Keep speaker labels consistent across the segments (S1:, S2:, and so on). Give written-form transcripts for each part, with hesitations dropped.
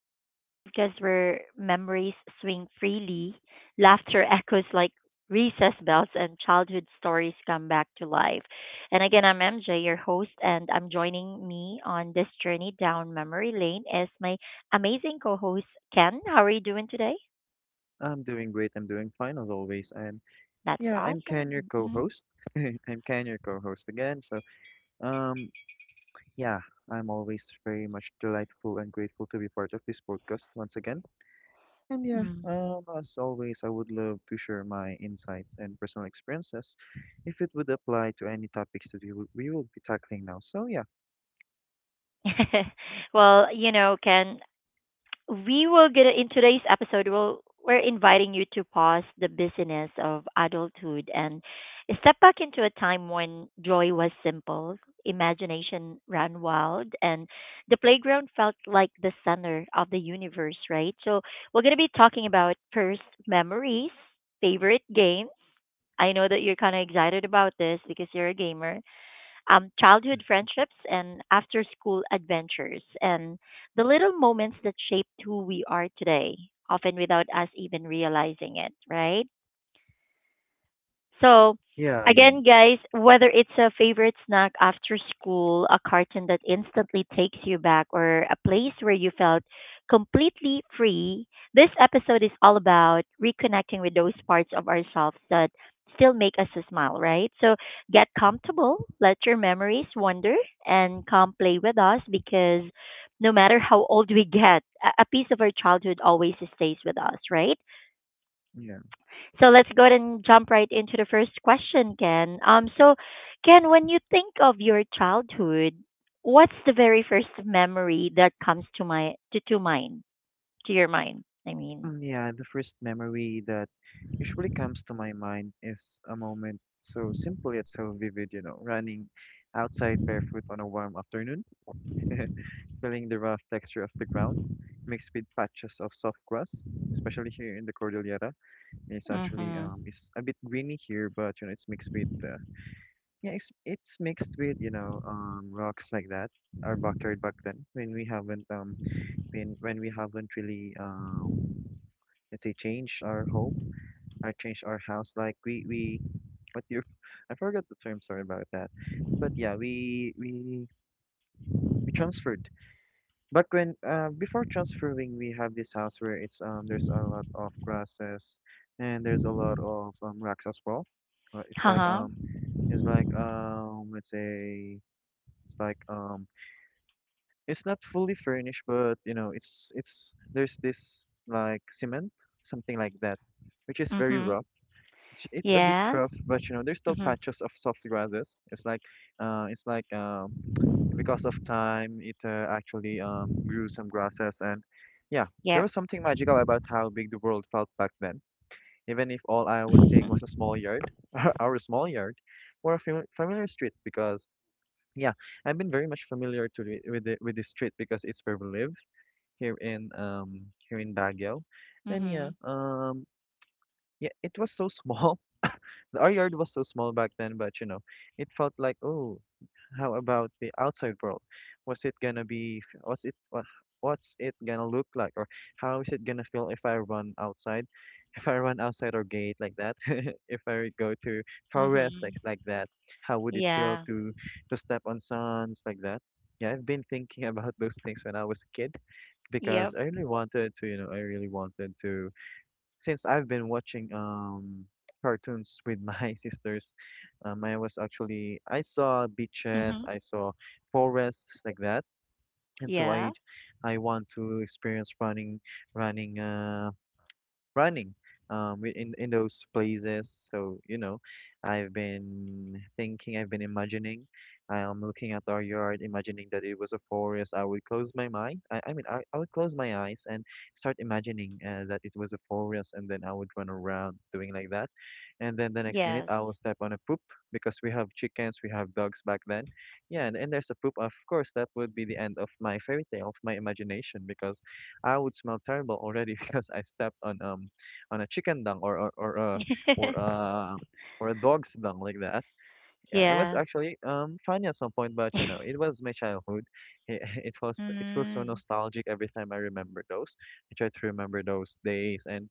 S1: And the podcast where memories swing freely, laughter echoes like recess bells, and childhood stories come back to life. And again, I'm MJ, your host, and I'm joining me on this journey down memory lane is my amazing co host, Ken. How are you doing today?
S2: I'm doing great. I'm doing fine as always. And
S1: That's
S2: yeah, I'm Ken, your
S1: awesome. Mhm.
S2: co-host. I'm Ken, your co-host again. So, um, yeah, I'm always very much delightful and grateful to be part of this podcast once again. And yeah,
S1: Mm.
S2: as always, I would love to share my insights and personal experiences if it would apply to any topics that we will be tackling now. So yeah,
S1: Well, you know, Ken. We will get in today's episode, we're inviting you to pause the busyness of adulthood and step back into a time when joy was simple, imagination ran wild, and the playground felt like the center of the universe, right? So we're going to be talking about first memories, favorite games. I know that you're kind of excited about this because you're a gamer. Childhood friendships and after school adventures, and the little moments that shaped who we are today, often without us even realizing it, right? So,
S2: yeah, yeah,
S1: again, guys, whether it's a favorite snack after school, a cartoon that instantly takes you back, or a place where you felt completely free, this episode is all about reconnecting with those parts of ourselves that still make us smile, right? So, get
S2: yeah.
S1: comfortable, let your memories wander, and come play with us because no matter how old we get, a piece of our childhood always stays with us, right?
S2: Mhm.
S1: So let's go ahead and jump right into the first question, Ken. So Ken, when you think of your childhood, what's the very first memory that comes to my to mind to your mind? I mean,
S2: Yeah, the first memory that usually comes to my mind is a moment so simple yet so vivid, you know, running outside barefoot on a warm afternoon, feeling the rough texture of the ground, mixed with patches of soft grass, especially here in the Cordillera. It's actually
S1: mhm,
S2: it's a bit greeny here, but you know, it's mixed with yeah, it's mixed with, you know, rocks like that. Our backyard back then when we haven't really let's say change our home I changed our house. Like we, what you, I forgot the term. Sorry about that. But yeah, we transferred. But when before transferring, we have this house where it's there's a lot of grasses and there's a lot of rocks as well. Uh, it's like
S1: haha,
S2: um it's like let's say it's like It's not fully furnished, but you know it's there's this like cement something like that, which is very
S1: mhm,
S2: rough. It's a bit
S1: yeah,
S2: rough, but you know, there's still
S1: mhm,
S2: patches of soft grasses. It's like Because of time, it actually grew some grasses, and yeah, there
S1: yep,
S2: was something magical about how big the world felt back then. Even if all I was seeing
S1: mhm,
S2: was a small yard, our small yard, or a familiar street, because yeah, I've been very much familiar to with with the street because it's where we live here in here in Baguio, and
S1: mhm,
S2: yeah, it was so small. Our yard was so small back then, but you know, it felt like, oh, how about the outside world? Was it gonna be, f- was it, wha- What's it gonna look like? Or how is it gonna feel if I run outside? If I run outside our gate like that, if I go to forest
S1: mhm,
S2: like that, how would it feel
S1: yeah,
S2: to step on sands like that? Yeah, I've been thinking about those things when I was a kid because
S1: yep,
S2: I really wanted to, you know, I really wanted to since I've been watching cartoons with my sisters. I was actually I saw beaches,
S1: mhm,
S2: I saw forests like that, and
S1: yeah,
S2: I want to experience running uh running in those places. So you know, I've been imagining, I'm looking at our yard imagining that it was a forest. I would close my mind I mean I would close my eyes and start imagining that it was a forest, and then I would run around doing like that, and then the next minute
S1: yes,
S2: I will step on a poop because we have chickens, we have dogs back then. Yeah, and there's a poop. Of course that would be the end of my fairy tale, of my imagination, because I would smell terrible already because I stepped on a chicken dung or a or a or a dog's dung like that. Yeah, it was
S1: yeah,
S2: actually funny at some point, but you know, it was my childhood. It, it feels so
S1: mm,
S2: nostalgic every time I remember those. I try to remember those days, and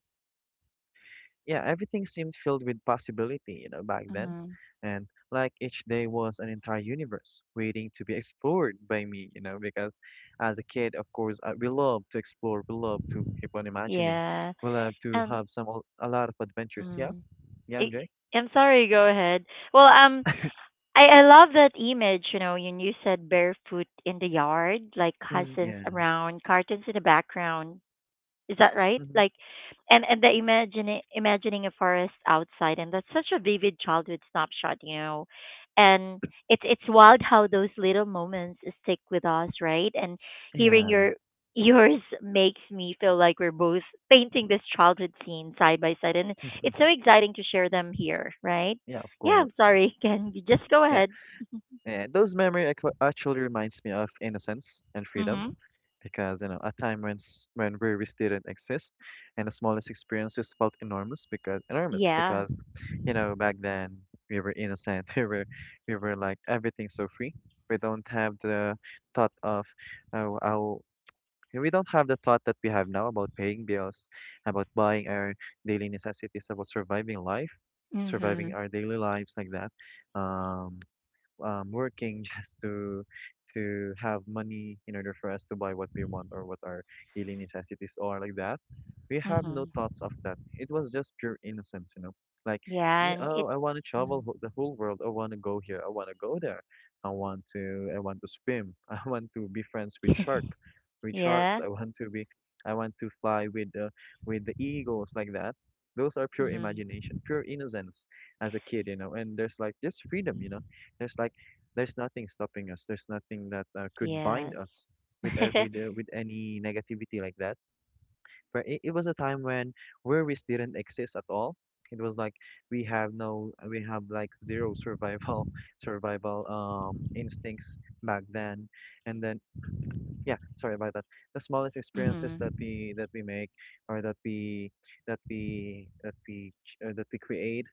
S2: yeah, everything seemed filled with possibility, you know, back then.
S1: mhm,
S2: And like each day was an entire universe waiting to be explored by me, you know, because as a kid, of course, we love to explore, we love to keep on imagining,
S1: yeah,
S2: we love to
S1: and.
S2: have a lot of adventures. Yeah,
S1: mm.
S2: yeah,
S1: I-
S2: MJ.
S1: I'm sorry, go ahead. Well, I love that image, you know, when you said barefoot in the yard, like
S2: Mm,
S1: cousins
S2: yeah,
S1: around, cartons in the background. Is that right?
S2: hmm,
S1: Like, and the imagining imagining a forest outside, and that's such a vivid childhood snapshot, you know. And it's wild how those little moments stick with us, right? And hearing
S2: yeah,
S1: your yours makes me feel like we're both painting this childhood scene side by side, and it's so exciting to share them here, right?
S2: yeah, of
S1: Yeah, I'm
S2: course.
S1: sorry, Ken. You just go
S2: Yeah,
S1: ahead.
S2: yeah. Actually reminds me of innocence and freedom,
S1: Mhm.
S2: because you know, a time when breweries didn't exist, and the smallest experiences felt enormous
S1: Yeah.
S2: because you know, back then we were innocent. We were like everything's so free. We don't have the thought of how we don't have the thought that we have now about paying bills, about buying our daily necessities, about surviving life, surviving
S1: Mhm.
S2: our daily lives like that. um Working just to have money in order for us to buy what we want or what our daily necessities are like that. We have no
S1: Mhm.
S2: thoughts of that. It was just pure innocence, you know. Like,
S1: Yeah,
S2: yeah,
S1: and it.
S2: oh, I want to
S1: Mm.
S2: travel the whole world. I want to go here. I want to go there. I want to. I want to swim. I want to be friends with shark, with sharks.
S1: yeah.
S2: I want to be. I want to fly with the eagles like that. Those are pure
S1: Mhm.
S2: imagination, pure innocence as a kid, you know. And there's like just freedom, you know, there's like there's nothing stopping us. There's nothing that could bind
S1: Yes.
S2: us with any negativity like that. Where it was a time when worries didn't exist at all. It was like we have no, we have like zero survival survival instincts back then. And then yeah, sorry about that. The smallest experiences
S1: mhm.
S2: that we make or that we that we create,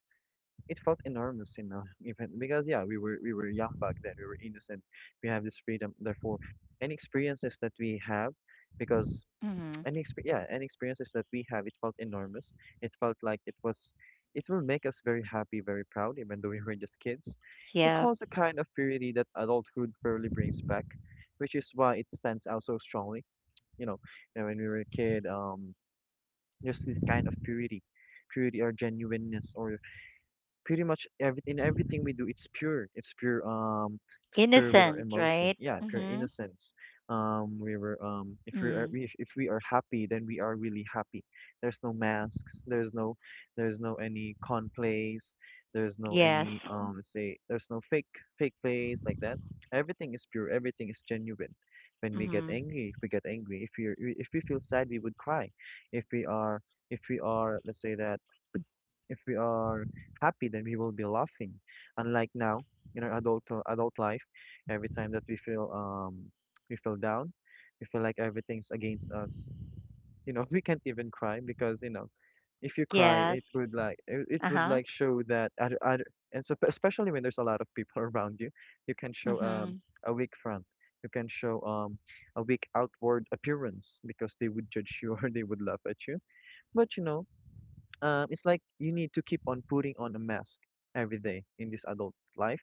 S2: it felt enormous, you know, even because yeah, we were young back then, we were innocent, we have this freedom. Therefore, any experiences that we have, because
S1: Mhm.
S2: yeah, any experiences that we have, it felt enormous. It felt like it will make us very happy, very proud, even though we were just kids. It
S1: Yeah.
S2: holds a kind of purity that adulthood fairly brings back, which is why it stands out so strongly. You know, and when we were a kid, just this kind of purity, purity or genuineness or pretty much everything we do, it's pure, it's pure, it's pure with our
S1: Innocent,
S2: emotion.
S1: right?
S2: Yeah, pure
S1: Mhm.
S2: innocence. We were If we are,
S1: Mm.
S2: if we are happy, then we are really happy. There's no masks, there's no any con plays, there's no
S1: Yes.
S2: any let's say there's no fake plays like that. Everything is pure, everything is genuine. When we get
S1: Mhm.
S2: angry, if we get angry, if we feel sad, we would cry. If we are if we are let's say that, if we are happy, then we will be laughing. Unlike now in our adult life, every time that we feel down, we feel like everything's against us. You know, we can't even cry because you know if you cry,
S1: Yes.
S2: it, it would
S1: Uh-huh.
S2: like show that other, other. And so especially when there's a lot of people around you, you can show
S1: Mhm.
S2: a weak front. You can show a weak outward appearance because they would judge you or they would laugh at you. But you know, it's like you need to keep on putting on a mask every day in this adult life.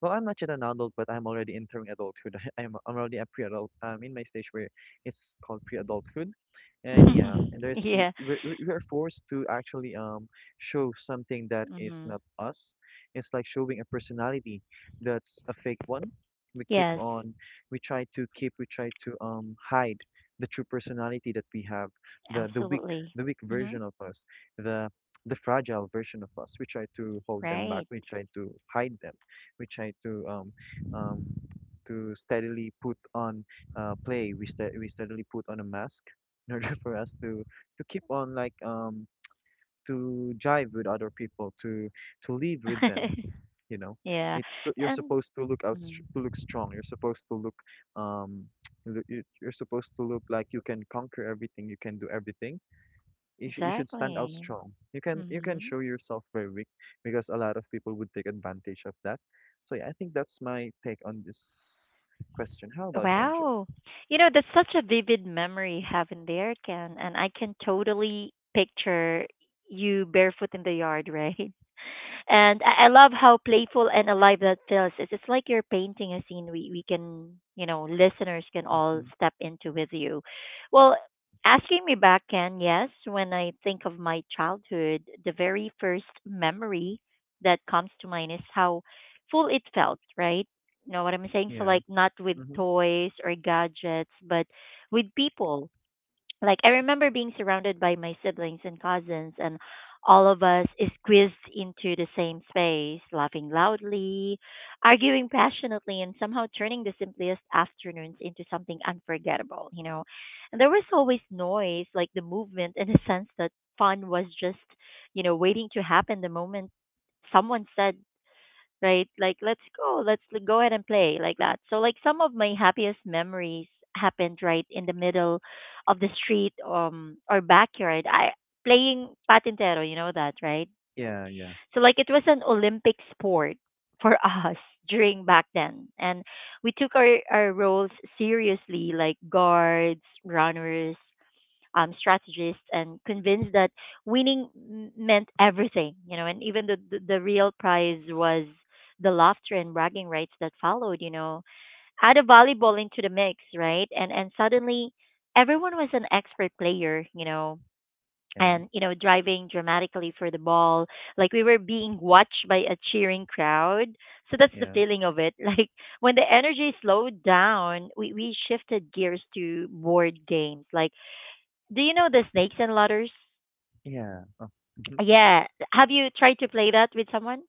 S2: Well, I'm not yet an adult, but I'm already entering adulthood. I'm already a pre-adult. I'm in my stage where it's called pre-adulthood, and yeah, and there's he-
S1: yeah.
S2: we're forced to actually show something that is
S1: Mhm.
S2: not us. It's like showing a personality that's a fake one. We keep
S1: Yes.
S2: on, we try to keep, We try to hide the true personality that we have, the the weak,
S1: Absolutely.
S2: the weak
S1: Mhm.
S2: version of us, the the fragile version of us. We try to hold them back.
S1: Right.
S2: We try to hide them. We try um, to steadily put on play. We steadily put on a mask in order for us to keep on to jive with other people, to live with them. You know,
S1: yeah.
S2: you're
S1: And
S2: supposed to
S1: mhm.
S2: to look strong. You're supposed to look um, you- you- you're supposed to look like you can conquer everything. You can do everything. You should stand out
S1: Exactly.
S2: strong. You can
S1: Mhm.
S2: show yourself very weak because a lot of people would take advantage of that. So yeah, I think that's my take on this question. How about you, MJ?
S1: Wow. You know, that's such a vivid memory having there, Ken. And I can totally picture you barefoot in the yard, right? And I love how playful and alive that feels. It's like you're painting a scene we can, you know, listeners can all
S2: Mm-hmm.
S1: step into with you. Well, asking me back, Ken, yes, when I think of my childhood, the very first memory that comes to mind is how full it felt, right? You know what I'm saying? So,
S2: Yeah.
S1: like, not with
S2: Mm-hmm.
S1: toys or gadgets, but with people, like I remember being surrounded by my siblings and cousins, and all of us squeezed into the same space, laughing loudly, arguing passionately, and somehow turning the simplest afternoons into something unforgettable, you know. And there was always noise, like the movement in a sense that fun was just, you know, waiting to happen the moment someone said, right? Like, let's go ahead and play, like that. So, like, some of my happiest memories happened right in the middle of the street or backyard. I playing patintero, you know that, right?
S2: Yeah. Yeah.
S1: So, like, it was an Olympic sport for us during back then, and we took our roles seriously, like guards, runners, strategists, and convinced that meant everything, you know, and even the real prize was the laughter and bragging rights that followed, you know. Add a volleyball into the mix, right? And suddenly everyone was an expert player, you know,
S2: Yeah.
S1: and you know, driving dramatically for the ball. Like we were being watched by a cheering crowd. So that's the
S2: Yeah.
S1: feeling of it. Like when the energy slowed down, we shifted gears to board games. Like do you know the Snakes and Ladders?
S2: Yeah. Oh. Mm-hmm.
S1: Yeah. Have you tried to play that with someone?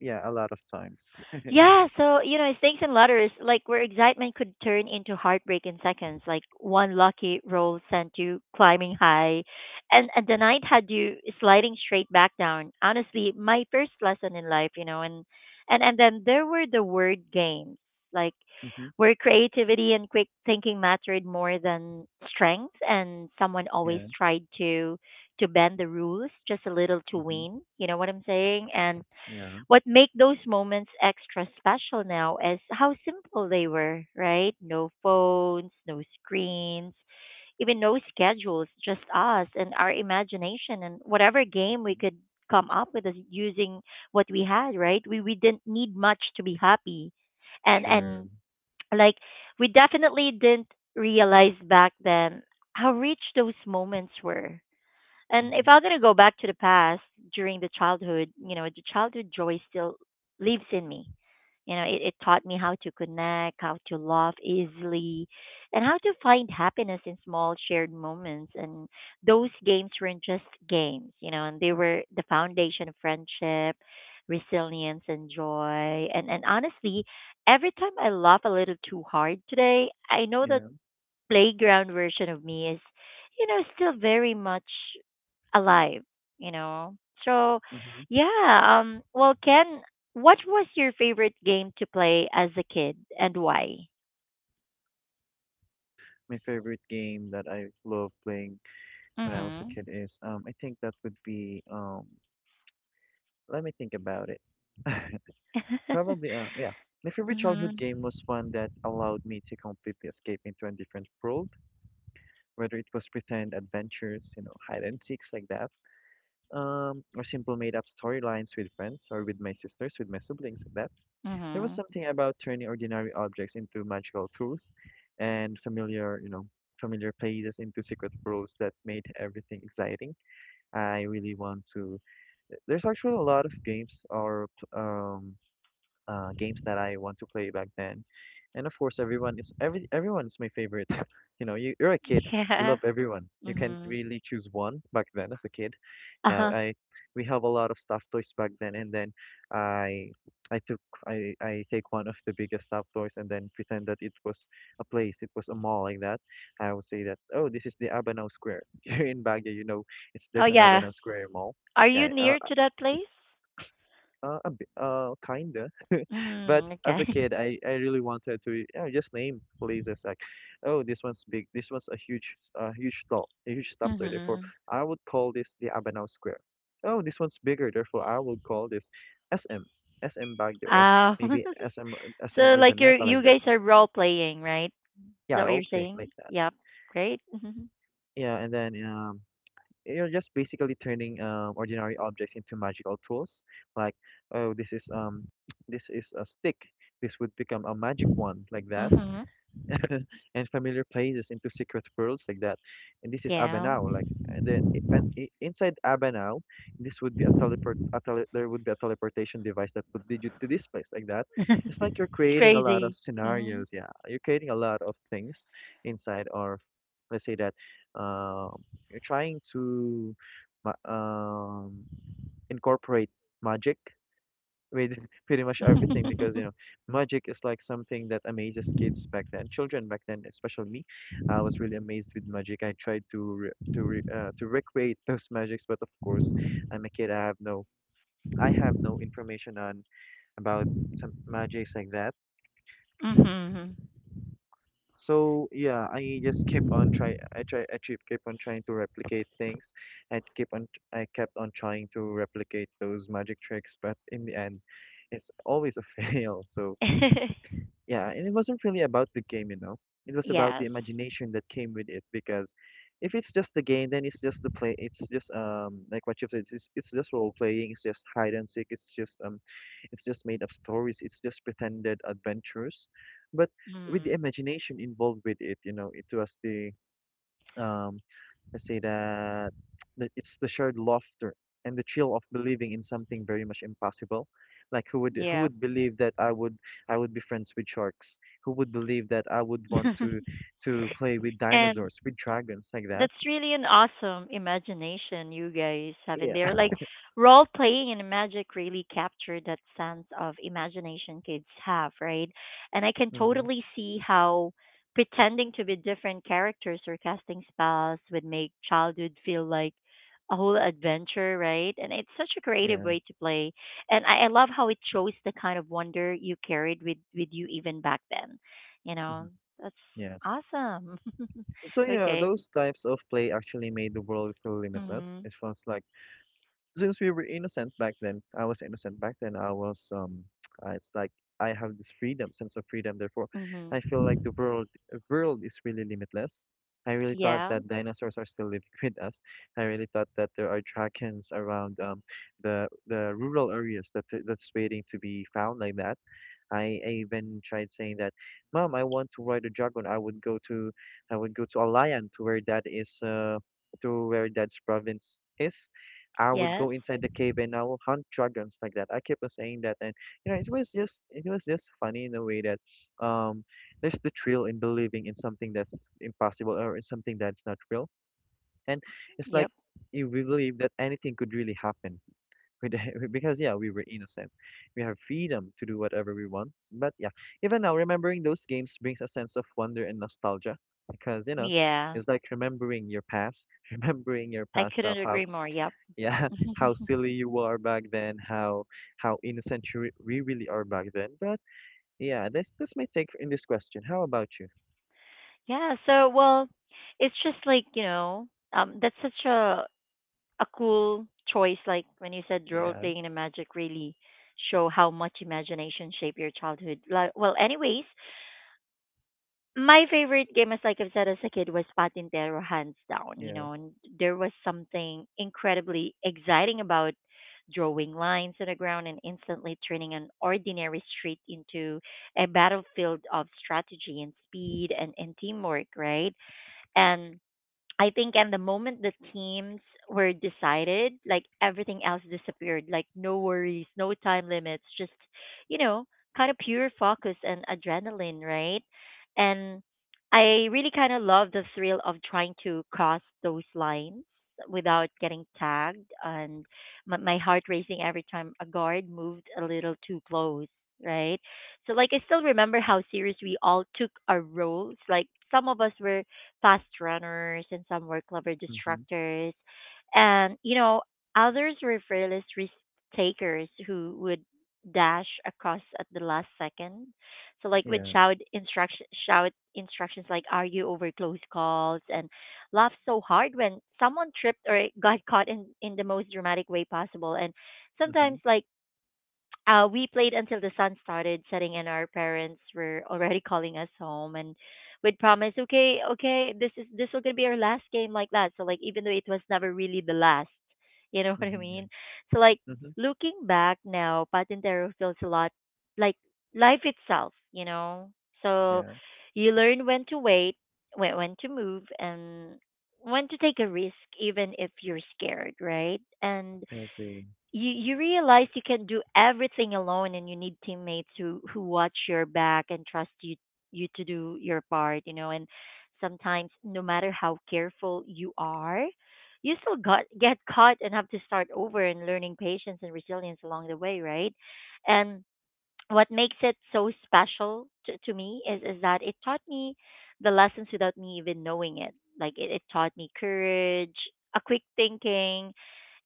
S2: Yeah. A lot of times.
S1: Yeah, so you know, snakes and ladders, like where excitement could turn into heartbreak in seconds. Like one lucky roll sent you climbing high, and the night had you sliding straight back down. Honestly, my first lesson in life, you know, and then there were the word games, like
S2: Mm-hmm.
S1: where creativity and quick thinking mattered more than strength, and someone always
S2: Yeah.
S1: tried to bend the rules just a little to
S2: Mm-hmm.
S1: win. You know what I'm saying? And
S2: Yeah.
S1: what make those moments extra special now is how simple they were, right? No phones, no screens, even no schedules, just us and our imagination and whatever game we
S2: Mm-hmm.
S1: could come up with us using what we had, right? We didn't need much to be happy.
S2: Sure.
S1: And like we definitely didn't realize back then how rich those moments were, and
S2: Mm-hmm.
S1: if I'm gonna go back to the past during the childhood, you know, the childhood joy still lives in me. You know, it taught me how to connect, how to laugh easily, and how to find happiness in small shared moments. And those games weren't just games, you know, and they were the foundation of friendship, resilience, and joy. And honestly, every time I laugh a little too hard today, I know that
S2: Yeah.
S1: playground version of me is, you know, still very much alive, you know. So,
S2: Mm-hmm.
S1: yeah, well, Ken, what was your favorite game to play as a kid and why?
S2: My favorite game that I love playing when I was a
S1: Mhm.
S2: kid is I think that would be let me think about it. Probably, yeah. My favorite childhood
S1: mhm.
S2: game was one that allowed me to completely escape into a different world, whether it was pretend adventures, you know, hide and seeks like that, or simple made up storylines with friends or with my sisters, with my siblings like that. There was
S1: Mhm.
S2: something about turning ordinary objects into magical tools and familiar places into secret worlds that made everything exciting. I really want to. There's actually a lot of games or um games that I want to play back then. And of course, everyone is my favorite. You know, you're a kid, you
S1: Yeah.
S2: love everyone. You can't
S1: Mhm.
S2: really choose one back then as a kid. Yeah,
S1: Uh-huh.
S2: I we have a lot of stuffed toys back then, and then I I took I take one of the biggest stuffed toys and then pretend that it was a place, it was a mall like that. I would say that oh, this is the Abanao Square. Here in Baguio, you know, it's
S1: Oh
S2: there's an
S1: yeah.
S2: Abanao Square mall.
S1: Are you
S2: Yeah,
S1: near to that place?
S2: kinda. But
S1: Mm,
S2: as a
S1: okay.
S2: kid, I really wanted to, you know, just name places like, oh, this one's big, this one's a huge stall, a huge stuffed toy. Therefore,
S1: Mhm.
S2: I would call this the Abanao Square. Oh, this one's bigger. Therefore, I would call this SM SM Baguio or
S1: Oh.
S2: maybe
S1: so
S2: SM
S1: like you are
S2: Urdaneta like
S1: you
S2: that.
S1: guys are role playing, right? Is
S2: Yeah,
S1: that what you're
S2: role playing
S1: saying?
S2: like that.
S1: Yep. Great. Mhm.
S2: Yeah, and then you're just basically turning ordinary objects into magical tools. Like, oh, this is this is a stick. This would become a magic wand like that.
S1: Mhm.
S2: And familiar places into secret worlds like that. And this is
S1: Yeah.
S2: Abanao, like and then I- and I- inside Abanao, this would be a teleport. There would be a teleportation device that would lead you to this place like that. It's like you're
S1: it's
S2: creating a lot of
S1: crazy. Mm.
S2: scenarios. Yeah, you're creating a lot of things inside, or let's say that um, you're trying to ma- um, incorporate magic with pretty much everything, because you know magic is like something that amazes kids back then, children back then, especially me. I was really amazed with magic. I tried to recreate those magics, but of course I'm a kid. I have no information on about some magics like that.
S1: Hmm.
S2: So yeah, I just keep on try I keep keep on trying to replicate things and keep on I kept on trying to replicate those magic tricks, but in the end it's always a fail. So yeah, and it wasn't really about the game, you know. It was about the
S1: yes.
S2: imagination that came with it, because if it's just the game, then it's just the play. It's just like what you've said. It's just role playing. It's just hide and seek. It's just made up stories. It's just pretended adventures, but with the
S1: Mm.
S2: imagination involved with it, you know, it was the um, let's say that it's the shared laughter and the thrill of believing in something very much impossible. Like who
S1: Yeah.
S2: would believe that I would be friends with sharks? Who would believe that I would want to play with
S1: and
S2: dinosaurs, with dragons like that?
S1: that's really an awesome imagination you guys have in
S2: Yeah.
S1: there. Like role playing and magic really capture that sense of imagination kids have, right? And I can
S2: Mm-hmm.
S1: totally see how pretending to be different characters or casting spells would make childhood feel like a whole adventure, right? And it's such a creative
S2: Yeah.
S1: way to play. And I love how it shows the kind of wonder you carried with you even back then. You know,
S2: Mm-hmm.
S1: that's
S2: Yeah.
S1: awesome.
S2: So yeah,
S1: okay.
S2: those types of play actually made the world feel limitless.
S1: Mhm.
S2: It feels like since we were innocent back then, I was innocent back then. I was it's like I have this freedom, sense of freedom. Therefore,
S1: Mhm.
S2: I feel like the world is really limitless. I really thought
S1: Yeah.
S2: that dinosaurs are still living with us. I really thought that there are dragons around the rural areas that that's waiting to be found like that. I even tried saying that, Mom, I want to ride a dragon. I would go to Alayan to where that is to where dad's province is. I would
S1: Yes.
S2: go inside the cave and I will hunt dragons like that. I kept on saying that. And you know, it was just funny in a way that um there's the thrill in believing in something that's impossible or in something that's not real. And it's like
S1: Yep.
S2: you believe that anything could really happen. We did, because yeah, we were innocent. We have freedom to do whatever we want. But yeah, even now, remembering those games brings a sense of wonder and nostalgia, because you know,
S1: Yeah.
S2: it's like remembering your past, remembering your
S1: I
S2: past
S1: couldn't
S2: self,
S1: agree
S2: how
S1: more. Yep.
S2: yeah, how silly you were back then, how innocent we really are back then. But yeah, that's my take in this question. How about you?
S1: yeah. So, well, it's just like you know, that's such a cool choice. Like when you said role
S2: Yeah,
S1: playing and magic really show how much imagination shape your childhood. Like, well, anyways, my favorite game, as like I've said as a kid, was Patintero, hands down. You
S2: yeah,
S1: know, and there was something incredibly exciting about drawing lines on the ground and instantly turning an ordinary street into a battlefield of strategy and speed and teamwork, right? And I think and the moment the teams were decided, like everything else disappeared, like no worries, no time limits, just you know, kind of pure focus and adrenaline, right? And I really kind of love the thrill of trying to cross those lines without getting tagged, and my heart racing every time a guard moved a little too close, right? So like I still remember how serious we all took our roles. Like some of us were fast runners, and some were clever
S2: mm-hmm,
S1: distractors. And, you know, others were fearless risk takers who would dash across at the last second. So like with
S2: yeah,
S1: shout instructions like are you over close calls, and laugh so hard when someone tripped or got caught in the most dramatic way possible. And
S2: mm-hmm,
S1: sometimes like we played until the sun started setting, and our parents were already calling us home, and we'd promise, okay, okay, this will gonna be our last game, like that. So like, even though it was never really the last, you know what I
S2: mm-hmm, yeah,
S1: mean? So like,
S2: mm-hmm,
S1: looking back now, Patintero feels a lot like life itself, you know. So
S2: yeah.
S1: you learn when to wait, when to move, and when to take a risk, even if you're scared, right? And
S2: I agree.
S1: you realize you can do everything alone and you need teammates who watch your back and trust you to do your part, you know. And sometimes no matter how careful you are, you still got get caught and have to start over and learning patience and resilience along the way, right? And what makes it so special to me is that it taught me the lessons without me even knowing it. Like it taught me courage, a quick thinking,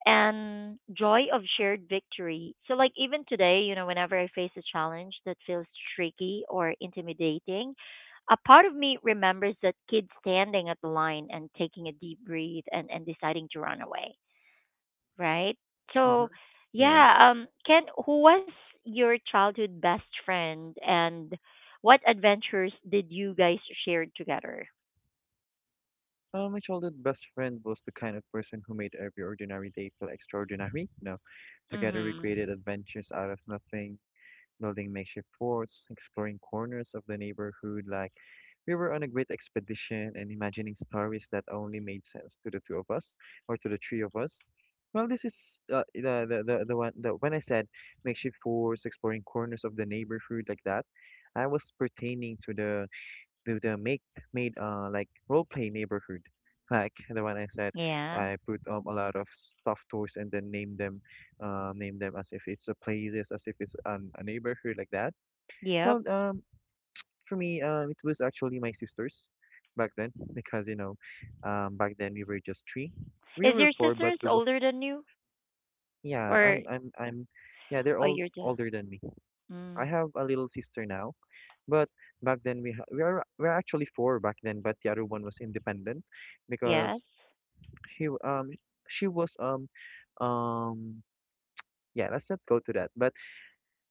S1: and joy of shared victory. So, like, even today, you know, whenever I face a challenge that feels tricky or intimidating, a part of me remembers that kid standing at the line and taking a deep breath and, deciding to run away, right? So,
S2: Mm-hmm, yeah.
S1: yeah, Ken, who was your childhood best friend and what adventures did you guys share together?
S2: My childhood best friend was the kind of person who made every ordinary day feel extraordinary. You know, together we created
S1: Mm-hmm.
S2: adventures out of nothing, building makeshift forts, exploring corners of the neighborhood like we were on a great expedition, and imagining stories that only made sense to the two of us or to the three of us. Well, this is the one, when I said makeshift forts, exploring corners of the neighborhood like that, I was pertaining to the with the make made like role play neighborhood. Like the one I said,
S1: Yeah.
S2: I put a lot of stuffed toys and then name them as if it's a places, as if a neighborhood like that.
S1: Yep.
S2: Well, for me, it was actually my sisters back then, because you know, back then we were just three, we
S1: Is
S2: were
S1: your
S2: four, but
S1: sisters older than you?
S2: yeah,
S1: Or,
S2: I'm yeah, they're
S1: oh,
S2: all
S1: you.
S2: older than me. I
S1: Mm.
S2: have a little sister now. But back then we are actually four back then, but the other one was independent
S1: Yes.
S2: because he w- um she was um yeah, let's not go to that. But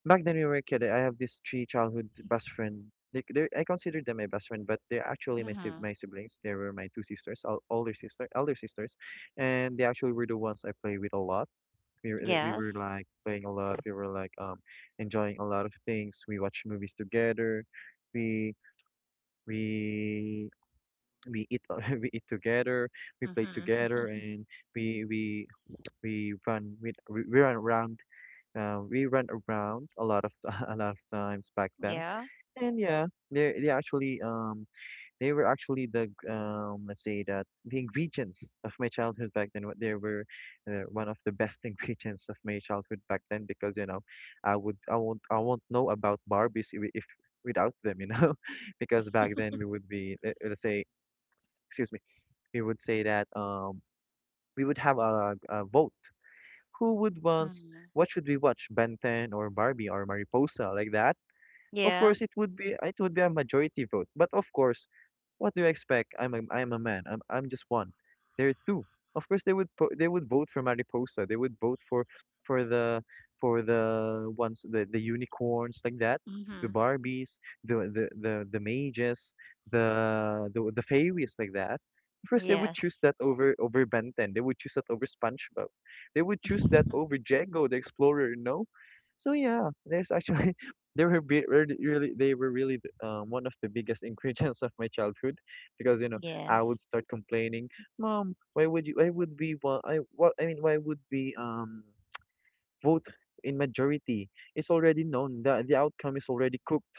S2: back then we were a kid. I have these three childhood best friend. I consider them my best friend, but they're actually
S1: Mhm.
S2: my siblings. They were my two sisters, older sister, elder sisters, and they actually were the ones I play with a lot. We
S1: Yes.
S2: were like playing a lot. We were like enjoying a lot of things. We watch movies together. We we we eat we eat together, we play
S1: Mhm.
S2: together, and we we we run we we we run around we run around a lot of a lot of times back then.
S1: Yeah.
S2: And yeah, they actually they were actually let's say that the ingredients of my childhood back then. What They were one of the best ingredients of my childhood back then, because you know I won't know about Barbies if without them, you know, because back then we would be let's say, excuse me, we would say that we would have a vote. Who would wants?
S1: Mhm.
S2: What should we watch? Ben 10 or Barbie or Mariposa like that? Of
S1: Yeah.
S2: course, it would be a majority vote. But of course, what do you expect? I'm a man. I'm just one. There are two. Of course, they would vote for Mariposa. They would vote for for the for the ones, the unicorns like that, the
S1: Mhm.
S2: Barbies, the mages, the fairies like that. Of course, they would
S1: Yes.
S2: choose that over Benten. They would choose that over SpongeBob. They would choose that over Jago the Explorer. No, so yeah, there's actually they were be- really, really- they were really th- one of the biggest ingredients of my childhood, because you know
S1: Yes.
S2: I would start complaining, Mom, why would you? Why would we want? I what? I mean, why would we vote in majority? It's already known. The outcome is already cooked.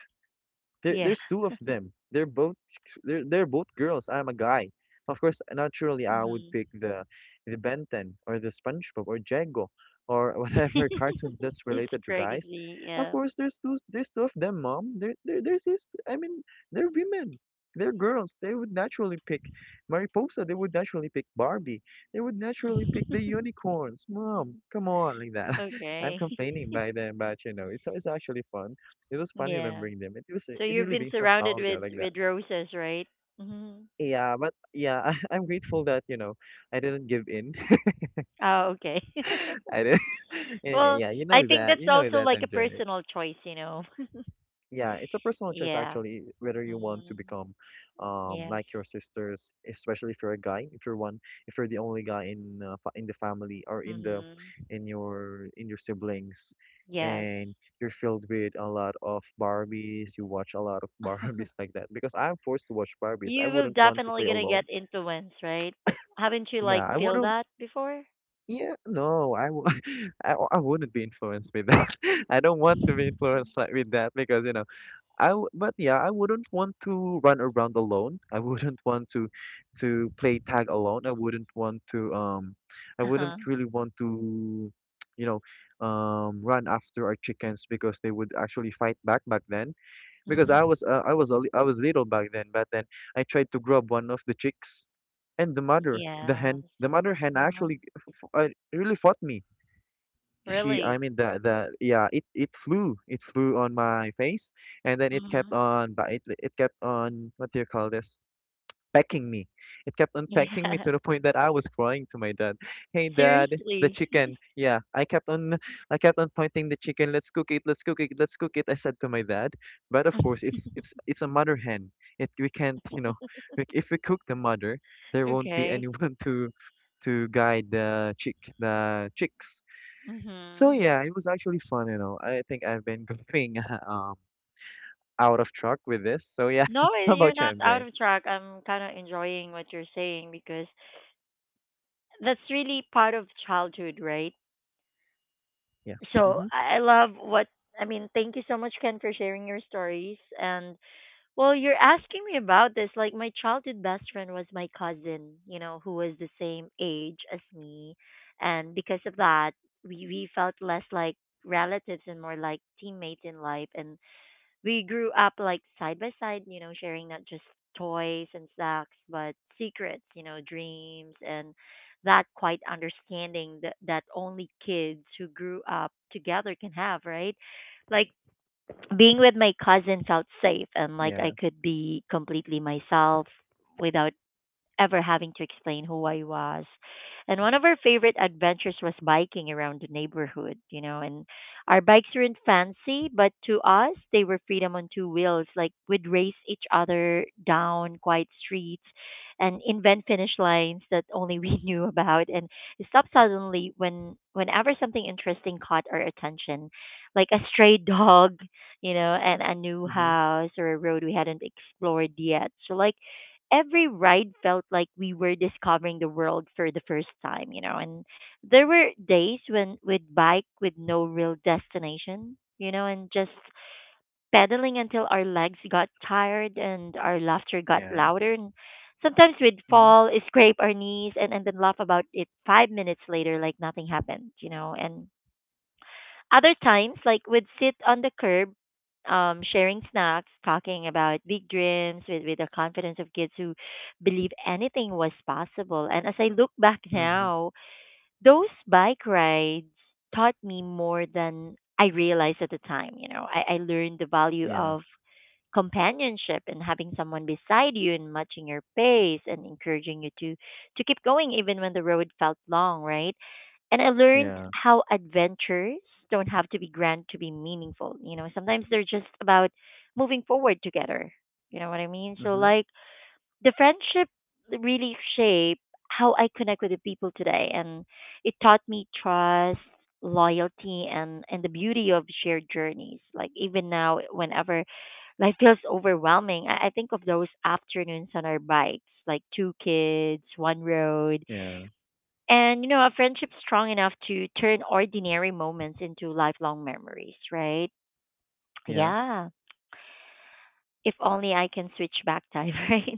S1: Yeah.
S2: There's two of them. They're both girls. I'm a guy. Of course, naturally, I would
S1: Mhm.
S2: pick the Ben 10 or the SpongeBob or Jango or whatever cartoon that's
S1: It's
S2: related to guys.
S1: crazy.
S2: Of
S1: Yeah.
S2: course, there's two of them, mom. They're sis. I mean, they're women. They're girls. They would naturally pick Mariposa. They would naturally pick Barbie. They would naturally pick the unicorns. Mom, come on, like that. I'm
S1: Okay.
S2: complaining by them, but it's actually fun. It was fun
S1: Yeah.
S2: remembering them. It was
S1: So
S2: it
S1: you've
S2: really
S1: been
S2: brings
S1: surrounded
S2: nostalgia
S1: with
S2: like that.
S1: roses, right? Mhm.
S2: Yeah, but yeah, I'm grateful that, I didn't give in.
S1: Oh, okay.
S2: I didn't.
S1: Well,
S2: Yeah, you
S1: I
S2: know
S1: think
S2: that.
S1: that's
S2: You know
S1: also
S2: that,
S1: like a
S2: MJ.
S1: personal choice, you know.
S2: Yeah, it's a personal choice
S1: Yeah.
S2: actually, whether you want to
S1: Mhm.
S2: become
S1: Yes.
S2: like your sisters, especially if you're a guy, if you're one, if you're the only guy in the family or in the
S1: Mhm.
S2: in your in your siblings,
S1: Yes.
S2: and you're filled with a lot of Barbies. You watch a lot of Barbies like that because I'm forced to watch Barbies. I
S1: You will
S2: wouldn't want to
S1: definitely
S2: play
S1: gonna
S2: alone.
S1: get influence, right? Haven't you
S2: Yeah,
S1: like
S2: I
S1: feel
S2: wouldn't
S1: that before?
S2: Yeah, no, I wouldn't be influenced with that. I don't want to be influenced like with that because, I w but yeah, I wouldn't want to run around alone. I wouldn't want to play tag alone. I wouldn't want to I
S1: Uh
S2: wouldn't
S1: huh.
S2: really want to you know run after our chickens because they would actually fight back back then because I
S1: Hmm.
S2: was I was little back then. But then I tried to grab one of the chicks, and the mother the
S1: Yes.
S2: hen the mother hen
S1: Uh-huh.
S2: actually really fought me. She I
S1: Really?
S2: mean, the yeah, it flew on my face. And then it kept
S1: Hmm.
S2: on, but it kept on, what do you call this, pecking me. It kept on pecking me
S1: Yeah.
S2: to the point that I was crying to my dad, hey dad, the
S1: Seriously.
S2: chicken, yeah, I kept on pointing the chicken, let's cook it, let's cook it, let's cook it, I said to my dad. But of course, it's a mother hen. It We can't, you know, if we cook the mother, there won't be
S1: Okay.
S2: anyone to guide the chicks. So
S1: Mm-hmm.
S2: yeah, it was actually fun. I think I've been going um out of track with this. So yeah,
S1: No,
S2: how
S1: you're
S2: about you,
S1: not out
S2: MJ?
S1: of track. I'm kind of enjoying what you're saying because that's really part of childhood, right?
S2: Yeah.
S1: So
S2: Mhm.
S1: I love what I mean. Thank you so much, Ken, for sharing your stories and well, you're asking me about this. Like, my childhood best friend was my cousin, you know, who was the same age as me. And because of that, we felt less like relatives and more like teammates in life. And we grew up like side by side, you know, sharing not just toys and snacks, but secrets, you know, dreams and that quite understanding that only kids who grew up together can have, right? Like, being with my cousins felt safe and like
S2: Yeah.
S1: I could be completely myself without ever having to explain who I was. And one of our favorite adventures was biking around the neighborhood, you know, and our bikes weren't fancy, but to us, they were freedom on two wheels. Like we'd race each other down quiet streets and invent finish lines that only we knew about and stop suddenly whenever something interesting caught our attention, like a stray dog, you know, and a new
S2: Mhm.
S1: house or a road we hadn't explored yet. So like every ride felt like we were discovering the world for the first time, you know. And there were days when we'd bike with no real destination, you know, and just pedaling until our legs got tired and our laughter got
S2: Yeah.
S1: louder. And sometimes we'd
S2: Mhm.
S1: fall, scrape our knees, and, then laugh about it 5 minutes later like nothing happened, you know. And other times, like we'd sit on the curb, sharing snacks, talking about big dreams with, the confidence of kids who believe anything was possible. And as I look back
S2: Mhm.
S1: now, those bike rides taught me more than I realized at the time. You know, I learned the value
S2: Yeah.
S1: of companionship and having someone beside you and matching your pace and encouraging you to keep going even when the road felt long, right? And I learned
S2: Yeah.
S1: how adventures don't have to be grand to be meaningful. You know, sometimes they're just about moving forward together. You know what I mean? So
S2: Mhm.
S1: like the friendship really shaped how I connect with the people today and it taught me trust, loyalty, and the beauty of shared journeys. Like even now whenever life feels overwhelming, I think of those afternoons on our bikes, like two kids, one road,
S2: Yeah.
S1: and you know, a friendship strong enough to turn ordinary moments into lifelong memories, right?
S2: Yeah.
S1: Yeah. If only I can switch back time, right?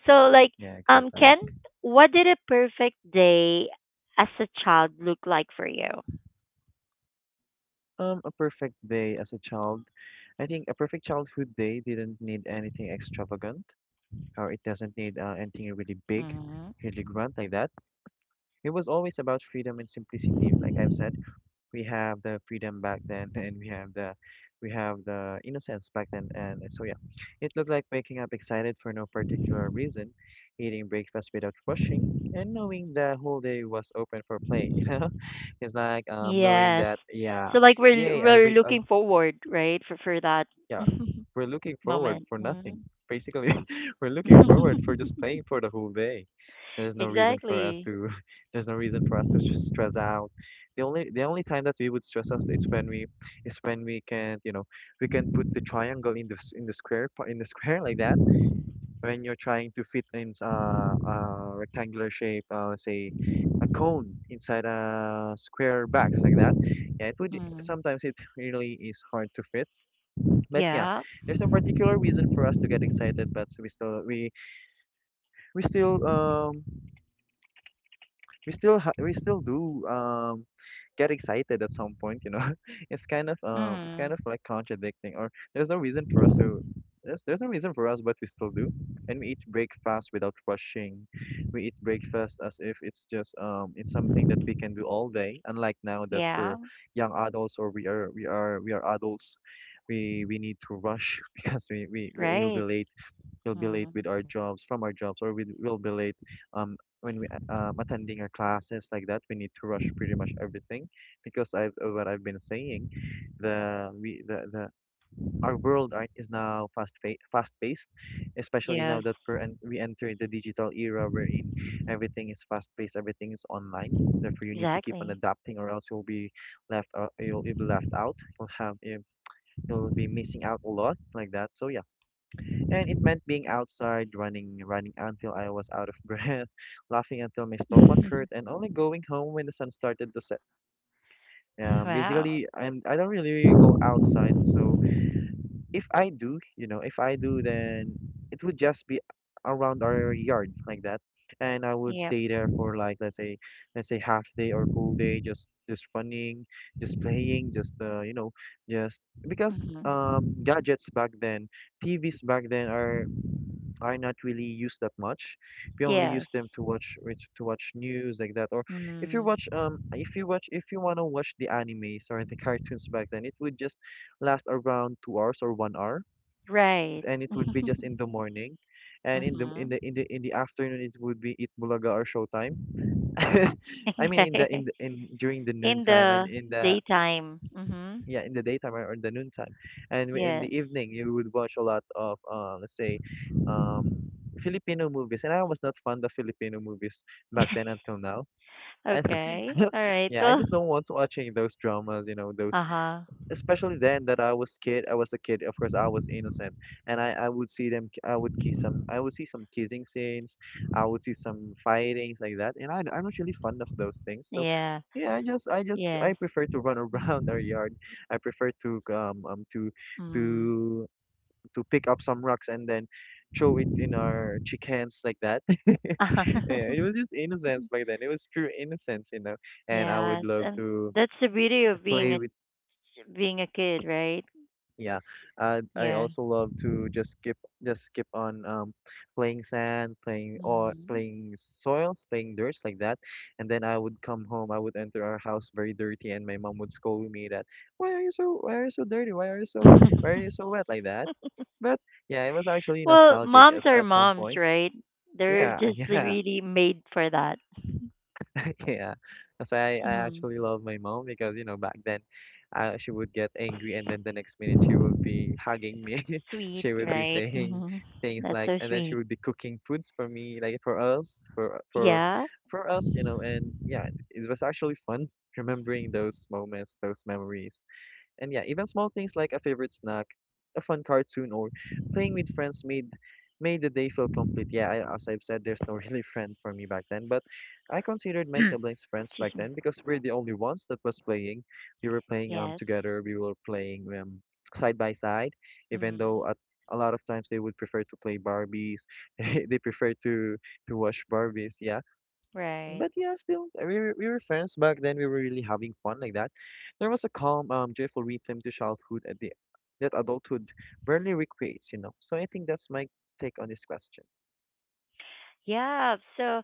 S1: So like
S2: Yeah. Go back.
S1: Ken, what did a perfect day as a child look like for you?
S2: A perfect day as a child. I think a perfect childhood day didn't need anything extravagant, or it doesn't need anything really big,
S1: Hmm.
S2: really grand like that. It was always about freedom and simplicity, like I've said. We have the freedom back then and we have the innocence back then. And so yeah, it looked like waking up excited for no particular reason, eating breakfast without rushing, and knowing the whole day was open for play. You know, it's like knowing
S1: Yes.
S2: that, yeah,
S1: So like we're
S2: yay I
S1: we're
S2: wake I
S1: looking forward, right, for that
S2: yeah, we're looking forward
S1: moment.
S2: for nothing.
S1: Mhm.
S2: Basically, we're looking forward for just playing for the whole day. And there's no reason for us
S1: Exactly.
S2: to, there's no reason for us to stress out. The only time that we would stress out, is when we can, you know, we can put the triangle in the in the square, like that. When you're trying to fit in a rectangular shape, let's say a cone inside a square box like that. Yeah, it would
S1: Mm.
S2: sometimes it really is hard to fit, but yeah,
S1: Yeah.
S2: there's no particular reason for us to get excited, but we still um we still do get excited at some point. It's kind
S1: Mm.
S2: of like contradicting, or there's no reason for us, but we still do. And we eat breakfast without rushing. We eat breakfast as if it's just it's something that we can do all day, unlike now that
S1: Yeah.
S2: we're young adults, or we are adults We need to rush because
S1: Right.
S2: we'll be late
S1: Mm.
S2: with our jobs from our jobs, or we will be late um when attending our classes like that. We need to rush pretty much everything because I've what I've been saying, the we the our world is now fast paced, especially now
S1: Yes,
S2: that we're we enter the digital era, wherein everything is fast paced, everything is online. Therefore, you need to keep on
S1: exactly.
S2: adapting, or else you'll be you'll be left out, you'll be missing out a lot like that. So yeah, and it meant being outside, running, running until I was out of breath, laughing until my stomach hurt, and only going home when the sun started to set.
S1: Wow.
S2: Basically, I don't really go outside. So if I do, you know, if I do, then it would just be around our yard like that. And I would
S1: Yep.
S2: stay there for like, let's say, half day or whole day, just running, just playing, just just because
S1: Hmm.
S2: gadgets back then, TVs back then are I not really use that much. We only
S1: Yes.
S2: use them to watch to watch news like that. Or if you
S1: Hmm.
S2: watch if you watch if you wanna watch the animes or the cartoons back then, it would just last around 2 hours or 1 hour,
S1: Right.
S2: and it would be just in the morning, and in the
S1: Hmm.
S2: in the in the in the afternoon it would be Eat Bulaga or Showtime. I mean, in the,
S1: Okay.
S2: in the in during the noon
S1: In
S2: time, and
S1: the
S2: in the,
S1: daytime. Hmm.
S2: yeah, in the daytime or in the noontime. And in the
S1: Yes.
S2: evening, you would watch a lot of let's say um Filipino movies, and I was not fond of Filipino movies back then until now. And
S1: Okay. All right.
S2: yeah, I
S1: Well.
S2: just don't want watching those dramas, you know, those,
S1: Uh huh.
S2: especially then that I was a kid. Of course, I was innocent, and I would see them. I would kiss some. I would see some kissing scenes. I would see some fightings like that, and I'm not really fond of those things. So
S1: Yeah.
S2: yeah, I
S1: Yes.
S2: prefer to run around our yard. I prefer to
S1: Mm-hmm.
S2: to to pick up some rocks and then throw it in our chickens like that. Yeah, it was just innocence back then. It was pure innocence. And I would
S1: Yes.
S2: love
S1: And
S2: to
S1: that's the beauty of being
S2: play
S1: a
S2: with
S1: being a kid, right?
S2: Yeah, I
S1: Yeah.
S2: also love to just skip on playing sand, playing, or playing soils, playing dirts like that. And then I would come home. I would enter our house very dirty, and my mom would scold me that, why are you so dirty? Why are
S1: Mm.
S2: you so wet like that? But yeah, it was actually
S1: Well,
S2: nostalgic
S1: moms are
S2: at some
S1: moms,
S2: point.
S1: right? They're
S2: Yeah,
S1: just
S2: yeah.
S1: really made for that.
S2: Yeah, that's why I
S1: Mm.
S2: actually love my mom because, back then, she would get angry and then the next minute she would be hugging me.
S1: Sweet,
S2: She would be
S1: right?
S2: saying
S1: Hmm.
S2: things
S1: That's
S2: like,
S1: so
S2: and then she
S1: sweet.
S2: would be cooking foods for me, like for us,
S1: Yeah.
S2: for us, you know. And yeah, it was actually fun remembering those moments, those memories. And yeah, even small things like a favorite snack, a fun cartoon, or playing with friends made the day feel complete. Yeah, as I've said, there's no really friend for me back then, but I considered my siblings friends
S1: Excuse
S2: back
S1: me.
S2: then because we're the only ones that was playing. We were playing
S1: Yes.
S2: together. We were playing side by side, even
S1: Mm.
S2: though at a lot of times they would prefer to play Barbies. They prefer to watch Barbies. Yeah,
S1: Right.
S2: but yeah, still, we were friends back then. We were really having fun like that. There was a calm, joyful rhythm to childhood that adulthood barely recreates, you know. So I think that's my take on this question.
S1: Yeah. So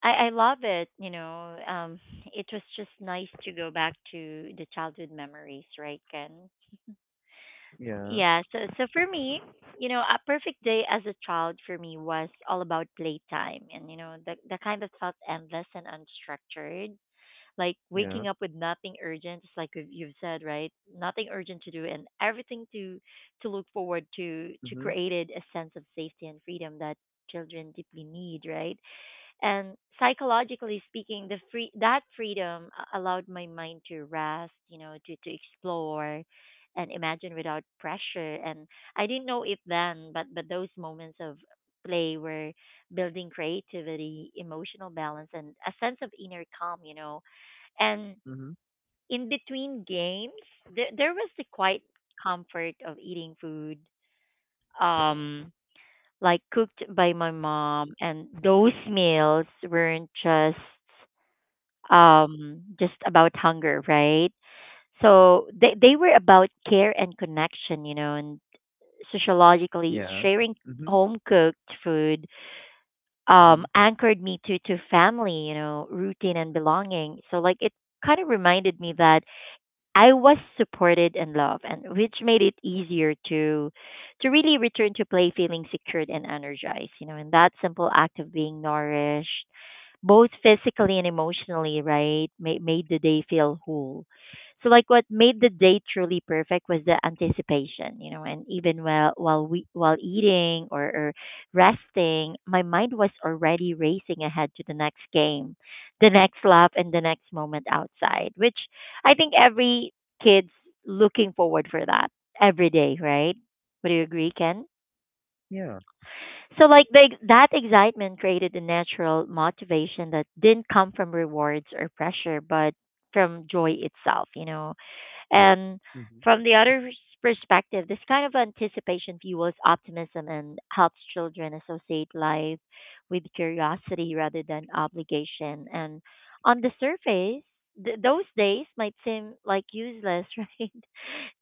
S1: I love it. You know, it was just nice to go back to the childhood memories, right, Ken?
S2: Yeah,
S1: Yeah, so for me, you know, a perfect day as a child for me was all about playtime, and you know, the kind that felt endless and unstructured. Like
S2: yeah,
S1: waking up with nothing urgent, just like you've said, right? Nothing urgent to do and everything to look forward to
S2: mm-hmm,
S1: created a sense of safety and freedom that children deeply need, right? And psychologically speaking, the free, that freedom allowed my mind to rest, you know, to explore and imagine without pressure. And I didn't know it then, but those moments of play were building creativity, emotional balance and a sense of inner calm, you know. And
S2: mm-hmm,
S1: in between games, there was the quiet comfort of eating food, um like cooked by my mom, and those meals weren't just about hunger, right? So they were about care and connection, you know. And sociologically
S2: yeah,
S1: sharing
S2: mm-hmm,
S1: home cooked food,
S2: mm-hmm,
S1: anchored me to family, you know, routine and belonging. So like it kind of reminded me that I was supported and loved, and which made it easier to really return to play feeling secured and energized, you know, and that simple act of being nourished both physically and emotionally, right, made the day feel whole. So, like, what made the day truly perfect was the anticipation, you know, and even while we while eating or, resting, my mind was already racing ahead to the next game, the next lap, and the next moment outside, which I think every kid's looking forward for that every day, right? Would you agree, Ken?
S2: yeah,
S1: So like that excitement created a natural motivation that didn't come from rewards or pressure, but from joy itself, you know. And
S2: mm-hmm,
S1: from the other's perspective, this kind of anticipation fuels optimism and helps children associate life with curiosity rather than obligation. And on the surface, those days might seem like useless, right?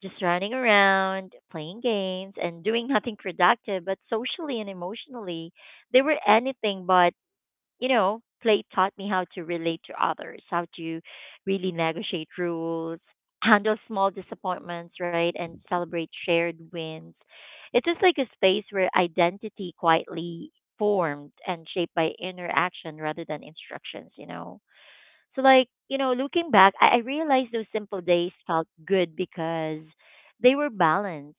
S1: Just running around, playing games, and doing nothing productive, but socially and emotionally, they were anything but, you know. Play taught me how to relate to others, how to really negotiate rules, handle small disappointments, right, and celebrate shared wins. It is just like a space where identity quietly formed and shaped by interaction rather than instructions, you know. So like, you know, looking back, I realized those simple days felt good because they were balanced,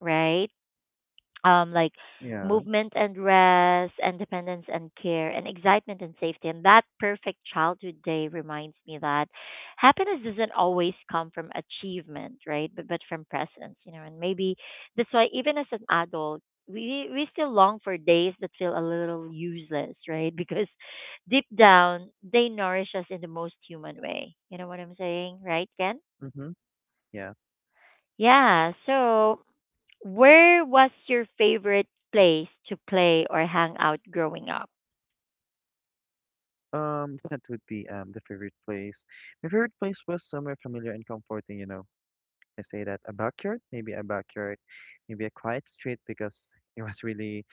S1: right? Like
S2: yeah,
S1: movement and rest, independence and care, and excitement and safety. And that perfect childhood day reminds me that happiness doesn't always come from achievement, right? But from presence, you know. And maybe that's why even as an adult, we still long for days that feel a little useless, right? Because deep down, they nourish us in the most human way. You know what I'm saying, right, Ken?
S2: mm-hmm, yeah.
S1: Yeah. So where was your favorite place to play or hang out growing up?
S2: That would be the favorite place. My favorite place was somewhere familiar and comforting. I say that a backyard, maybe a backyard, maybe a quiet street, because it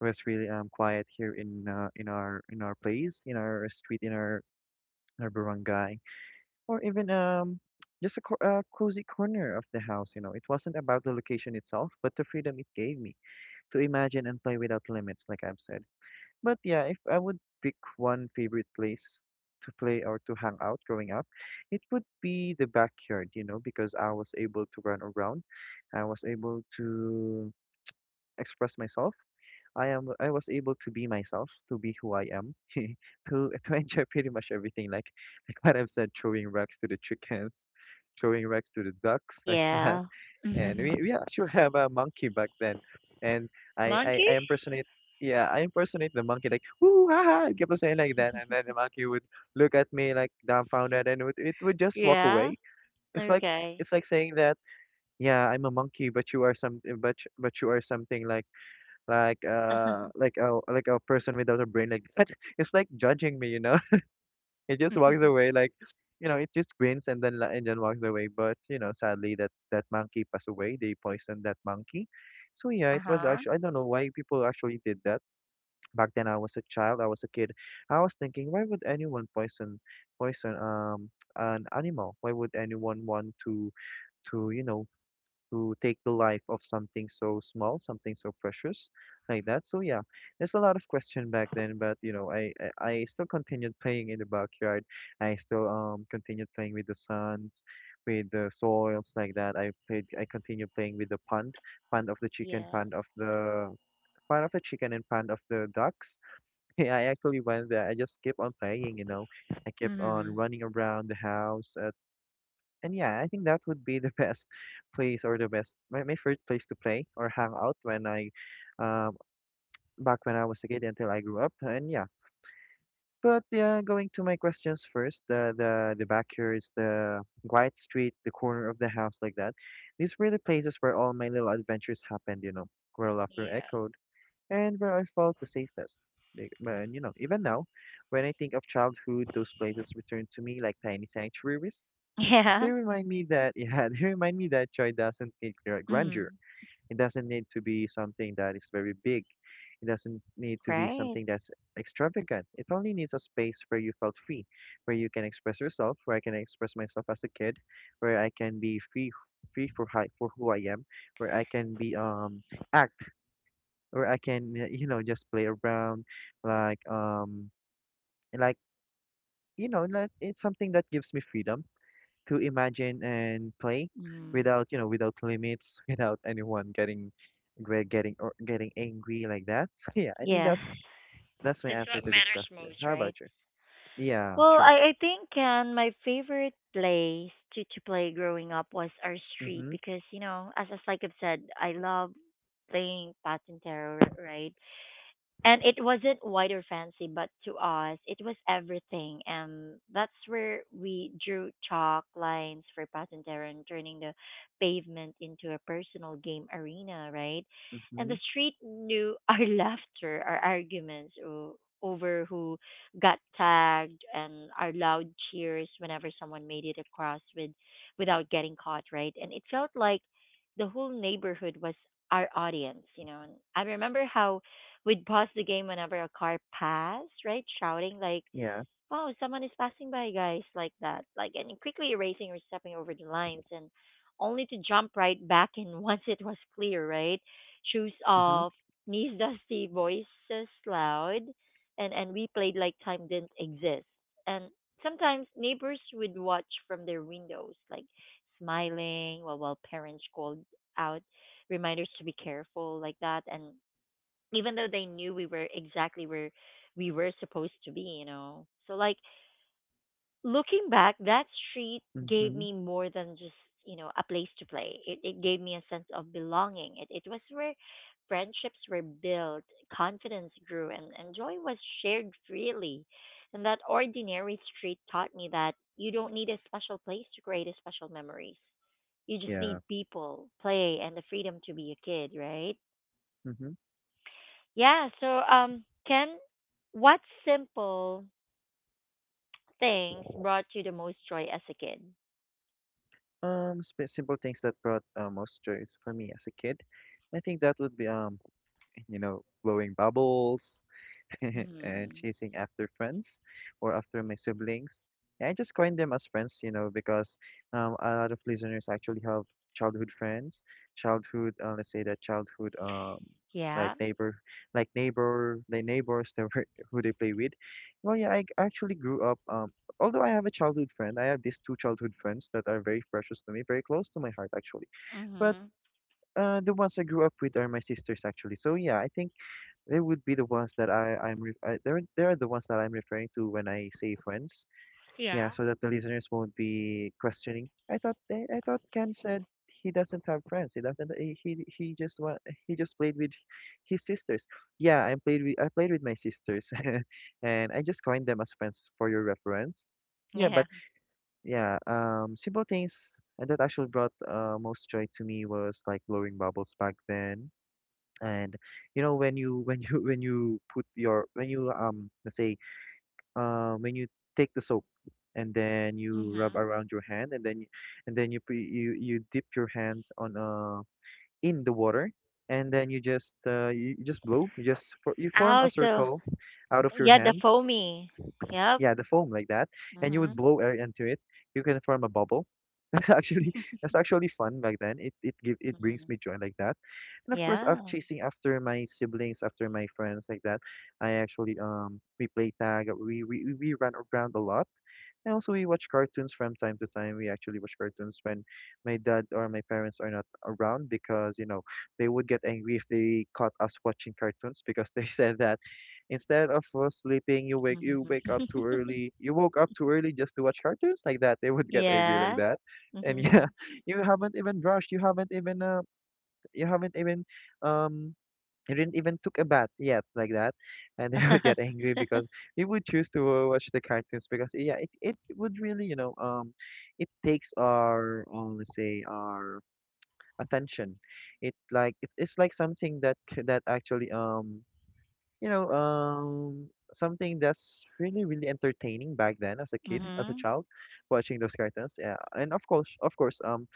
S2: was really quiet here in our place, in our street, in our barangay, or even just a cozy corner of the house. You know, it wasn't about the location itself, but the freedom it gave me to imagine and play without limits, like I've said. But yeah, if I would pick one favorite place to play or to hang out growing up, it would be the backyard. You know, because I was able to run around, I was able to express myself. I was able to be myself, to be who I am, to enjoy pretty much everything. Like what I've said, throwing rocks to the chickens, throwing rocks to the ducks, like that.
S1: Yeah.
S2: And
S1: Monkey?
S2: we actually have a monkey back then, and I impersonate. Yeah, I impersonate the monkey like woo ha ha, keep on saying like that, and then the monkey would look at me like dumbfounded, and it would just walk
S1: Yeah.
S2: away. It's like
S1: Okay.
S2: it's like saying that, yeah, I'm a monkey, but you are something like a person without a brain like that. It's like judging me. It just walks away like you know It just grins and then walks away. But you know sadly, that monkey passed away. They poisoned that monkey. So yeah,
S1: Uh
S2: it was
S1: huh.
S2: actually, I don't know why people actually did that. Back then I was a child, I was a kid. I was thinking, why would anyone poison poison an animal? Why would anyone want to who take the life of something so small, something so precious, like that. So yeah, there's a lot of question back then, but I still continued playing in the backyard. I still continued playing with the sands, with the soils like that. I played. I continued playing with the pond of the chicken,
S1: Yeah.
S2: pond of the chicken, and pond of the ducks. Yeah, I actually went there. I just kept on playing. I kept on
S1: Mm.
S2: running around the house. And yeah, I think that would be the best place or the best my first place to play or hang out when I um back when I was a kid until I grew up. And yeah. But yeah, going to my questions first, the backyards, the quiet street, the corner of the house like that. These were the places where all my little adventures happened, where laughter
S1: Yeah.
S2: echoed and where I felt the safest. And even now, when I think of childhood, those places return to me like tiny sanctuaries.
S1: Yeah.
S2: They remind me that, yeah, they remind me that joy doesn't need grandeur.
S1: Mm.
S2: It doesn't need to be something that is very big. It doesn't need to be
S1: Right.
S2: something that's extravagant. It only needs a space where you felt free, where you can express yourself, where I can express myself as a kid, where I can be free for who I am, where I can be act, where I can just play around, like um like like it's something that gives me freedom to imagine and play
S1: Mm.
S2: without, you know, without limits, without anyone getting gre- getting or getting angry like that. So yeah, I think
S1: Yeah.
S2: that's my
S1: That's
S2: answer
S1: what
S2: to this
S1: matters
S2: question.
S1: most,
S2: How
S1: right?
S2: about you? Yeah,
S1: Well,
S2: true.
S1: I think and my favorite place to, play growing up was our street
S2: Mm-hmm.
S1: because you know, as like I've said, I love playing patintero, right? And it wasn't wide or fancy, but to us, it was everything. And that's where we drew chalk lines for Patintero and turning the pavement into a personal game arena, right? And
S2: Mm-hmm.
S1: the street knew our laughter, our arguments over who got tagged, and our loud cheers whenever someone made it across with, without getting caught, right? And it felt like the whole neighborhood was our audience, you know. And I remember how we'd pause the game whenever a car passed, right? Shouting like,
S2: Yeah.
S1: "Oh, someone is passing by, guys!" Like that, like and quickly erasing or stepping over the lines, and only to jump right back in once it was clear, right? Shoes
S2: Mm-hmm.
S1: off, knees dusty, voices loud, and we played like time didn't exist. And sometimes neighbors would watch from their windows, like smiling while parents called out reminders to be careful like that, and even though they knew we were exactly where we were supposed to be, you know. So like looking back, that street gave
S2: Mm-hmm.
S1: me more than just, you know, a place to play. It gave me a sense of belonging. It was where friendships were built, confidence grew, and, joy was shared freely. And that ordinary street taught me that you don't need a special place to create a special memories. You just need
S2: Yeah.
S1: people, play and the freedom to be a kid, right?
S2: Mm-hmm.
S1: Yeah, so Ken, what simple things brought you the most joy as a kid?
S2: Simple things that brought most joy for me as a kid. I think that would be blowing bubbles, and
S1: Mhm.
S2: chasing after friends or after my siblings. I just coin them as friends, because a lot of listeners actually have childhood friends, childhood, let's say that childhood, like
S1: Yeah.
S2: neighbor, like neighbor, the neighbors who they play with. Well, yeah, I actually grew up. Although I have a childhood friend, I have these two childhood friends that are very precious to me, very close to my heart, actually. But
S1: Mhm.
S2: the ones I grew up with are my sisters, actually. So yeah, I think they would be the ones that I I'm re I, they're the ones that I'm referring to when I say friends. Yeah, so that the listeners won't be questioning. I thought Ken said he doesn't have friends. He doesn't. He just played with his sisters. Yeah, I played with my sisters, and I just coined them as friends for your reference. Yeah,
S1: Yeah.
S2: but yeah, simple things that actually brought most joy to me was like blowing bubbles back then, and when you when you put your when you let's say, when you take the soap and then you rub
S1: Mhm.
S2: around your hand, and then you dip your hands on in the water, and then you just you you just blow, you just you form
S1: Oh,
S2: a
S1: so
S2: circle out of your
S1: yeah, the
S2: hand.
S1: foamy. Yep.
S2: Yeah, the foam like that, and you would
S1: Mhm.
S2: blow air into it, you can form a bubble. That's actually that's actually fun back then. It brings
S1: Mhm.
S2: me joy like that, and of course, after
S1: Yeah.
S2: chasing after my siblings, after my friends like that, I actually we play tag, we run around a lot. And also, we watch cartoons from time to time. We actually watch cartoons when my dad or my parents are not around because, they would get angry if they caught us watching cartoons, because they said that instead of sleeping, you wake you wake up too
S1: Mhm.
S2: early. You woke up too early just to watch cartoons like that. They would get angry like
S1: Yeah.
S2: that. And yeah,
S1: Mhm.
S2: you haven't even brushed. You haven't even um I didn't even took a bath yet like that, and they would get angry because we would choose to watch the cartoons, because yeah, it would really, it takes our let's say our attention. It like it's like something that c- that actually you know something that's really, really entertaining back then, as a kid, as a
S1: Mhm.
S2: child, watching those cartoons. Yeah, and of course,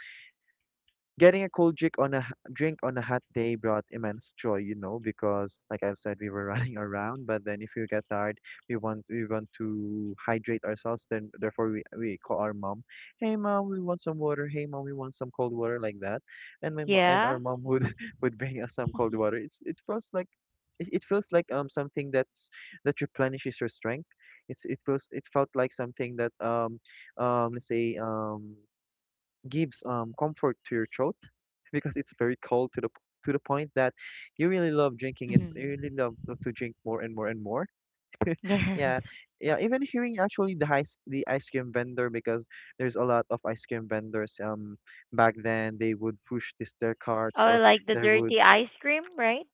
S2: getting a cold drink on a hot day brought immense joy, you know, because like I've said, we were running around. But then if you get tired, we want to hydrate ourselves. Then therefore we call our mom, hey mom, we want some water. Hey mom, we want some cold water like that. And
S1: Yeah.
S2: our mom would would bring us some cold water. It's, it feels like something that's that replenishes your strength. It's, it feels, it felt like something that let's say gives, comfort to your throat, because it's very cold, to the point that you really love drinking it. You
S1: Mhm.
S2: really love to drink more and more and more.
S1: Yes.
S2: Yeah, yeah. Even hearing actually the ice cream vendor, because there's a lot of ice cream vendors. Back then they would push this their carts,
S1: Oh,
S2: or
S1: like the
S2: they would
S1: dirty ice cream, right?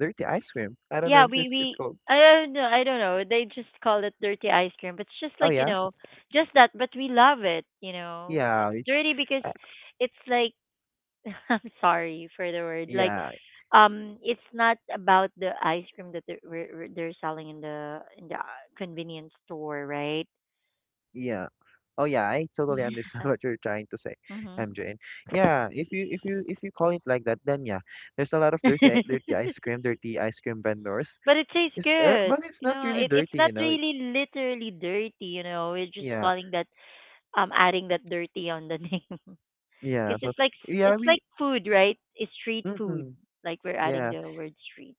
S2: dirty ice cream. I don't know
S1: Yeah,
S2: if
S1: we
S2: this
S1: we
S2: it's called.
S1: I don't know. I don't know. They just call it dirty ice cream, but it's just
S2: Oh
S1: like, you
S2: yeah,
S1: know, just that. But we love it, you know,
S2: yeah,
S1: dirty because
S2: I,
S1: it's like I'm sorry for the word. Like
S2: yeah.
S1: it's not about the ice cream that they're selling in the convenience store, right?
S2: Yeah. Oh yeah, I totally understand what you're trying to say,
S1: Hmm.
S2: MJ. And yeah, if you call it like that, then yeah, there's a lot of dirty ice cream vendors.
S1: But it tastes
S2: It's
S1: good.
S2: but it's
S1: You
S2: not
S1: know,
S2: really
S1: it it's
S2: dirty,
S1: not
S2: you know.
S1: really literally dirty. You know, we're just
S2: Yeah,
S1: calling that adding that dirty on the name.
S2: yeah.
S1: Because
S2: So
S1: it's like
S2: yeah,
S1: it's
S2: we.
S1: like food, right? It's street food.
S2: Mm-hmm,
S1: Like we're adding
S2: yeah.
S1: the word street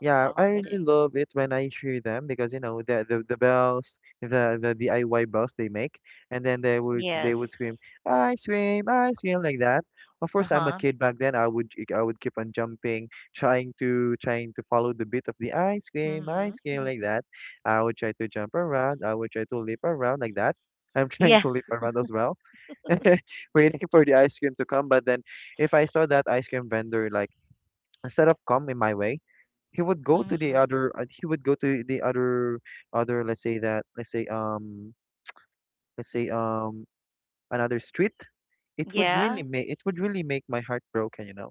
S2: Yeah, I
S1: along with
S2: really
S1: it.
S2: love it when I hear them, because the bells, the DIY bells they make, and then they would they
S1: Yes.
S2: would scream ice cream like that. Of
S1: Uh
S2: course, I'm a
S1: huh.
S2: kid back then. I would keep on jumping, trying to follow the beat of the
S1: Mhm.
S2: ice cream like that. I would try to jump around. I would try to leap around like that. I'm trying
S1: Yeah.
S2: to leap around as well, waiting for the ice cream to come. But then, if I saw that ice cream vendor like. Instead of coming my way, he would go to the
S1: Mhm.
S2: other he would go to the other let's say that let's say let's say um another street. It would really
S1: Yeah.
S2: make my heart broken.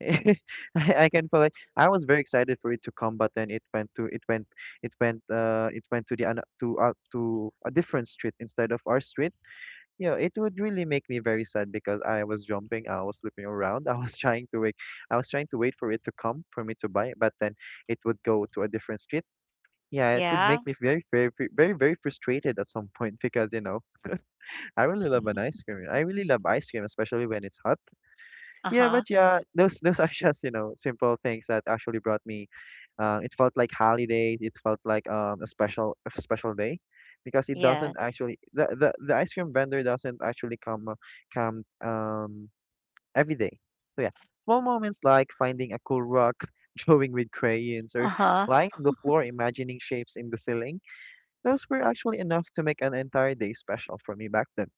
S2: I can feel it. I was very excited for it to come, but then it went to the to a different street instead of our street. You know, it would really make me very sad because I was jumping, I was flipping around, I was trying to wait, I was trying to wait for it to come, for me to buy it, but then it would go to a different street. Yeah, it would make
S1: Yeah.
S2: me very, very, very, very frustrated at some point because, I really love an ice cream. I really love ice cream, especially when it's hot.
S1: Uh
S2: Yeah,
S1: huh.
S2: but yeah, those are just, simple things that actually brought me. It felt like holidays. It felt like a special day, because it doesn't
S1: Yes.
S2: actually the ice cream vendor doesn't actually come every day. So yeah, small moments like finding a cool rock, drawing with crayons,
S1: Uh
S2: or
S1: huh.
S2: lying on the floor imagining shapes in the ceiling. Those were actually enough to make an entire day special for me back then.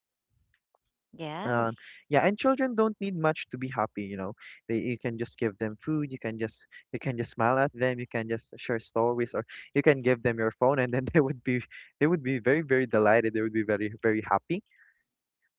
S1: Yes.
S2: Um, yeah, and children don't need much to be happy, you know. They You can just give them food, you can just smile at them, you can just share stories, or you can give them your phone, and then they would be very very delighted. They would be very very happy.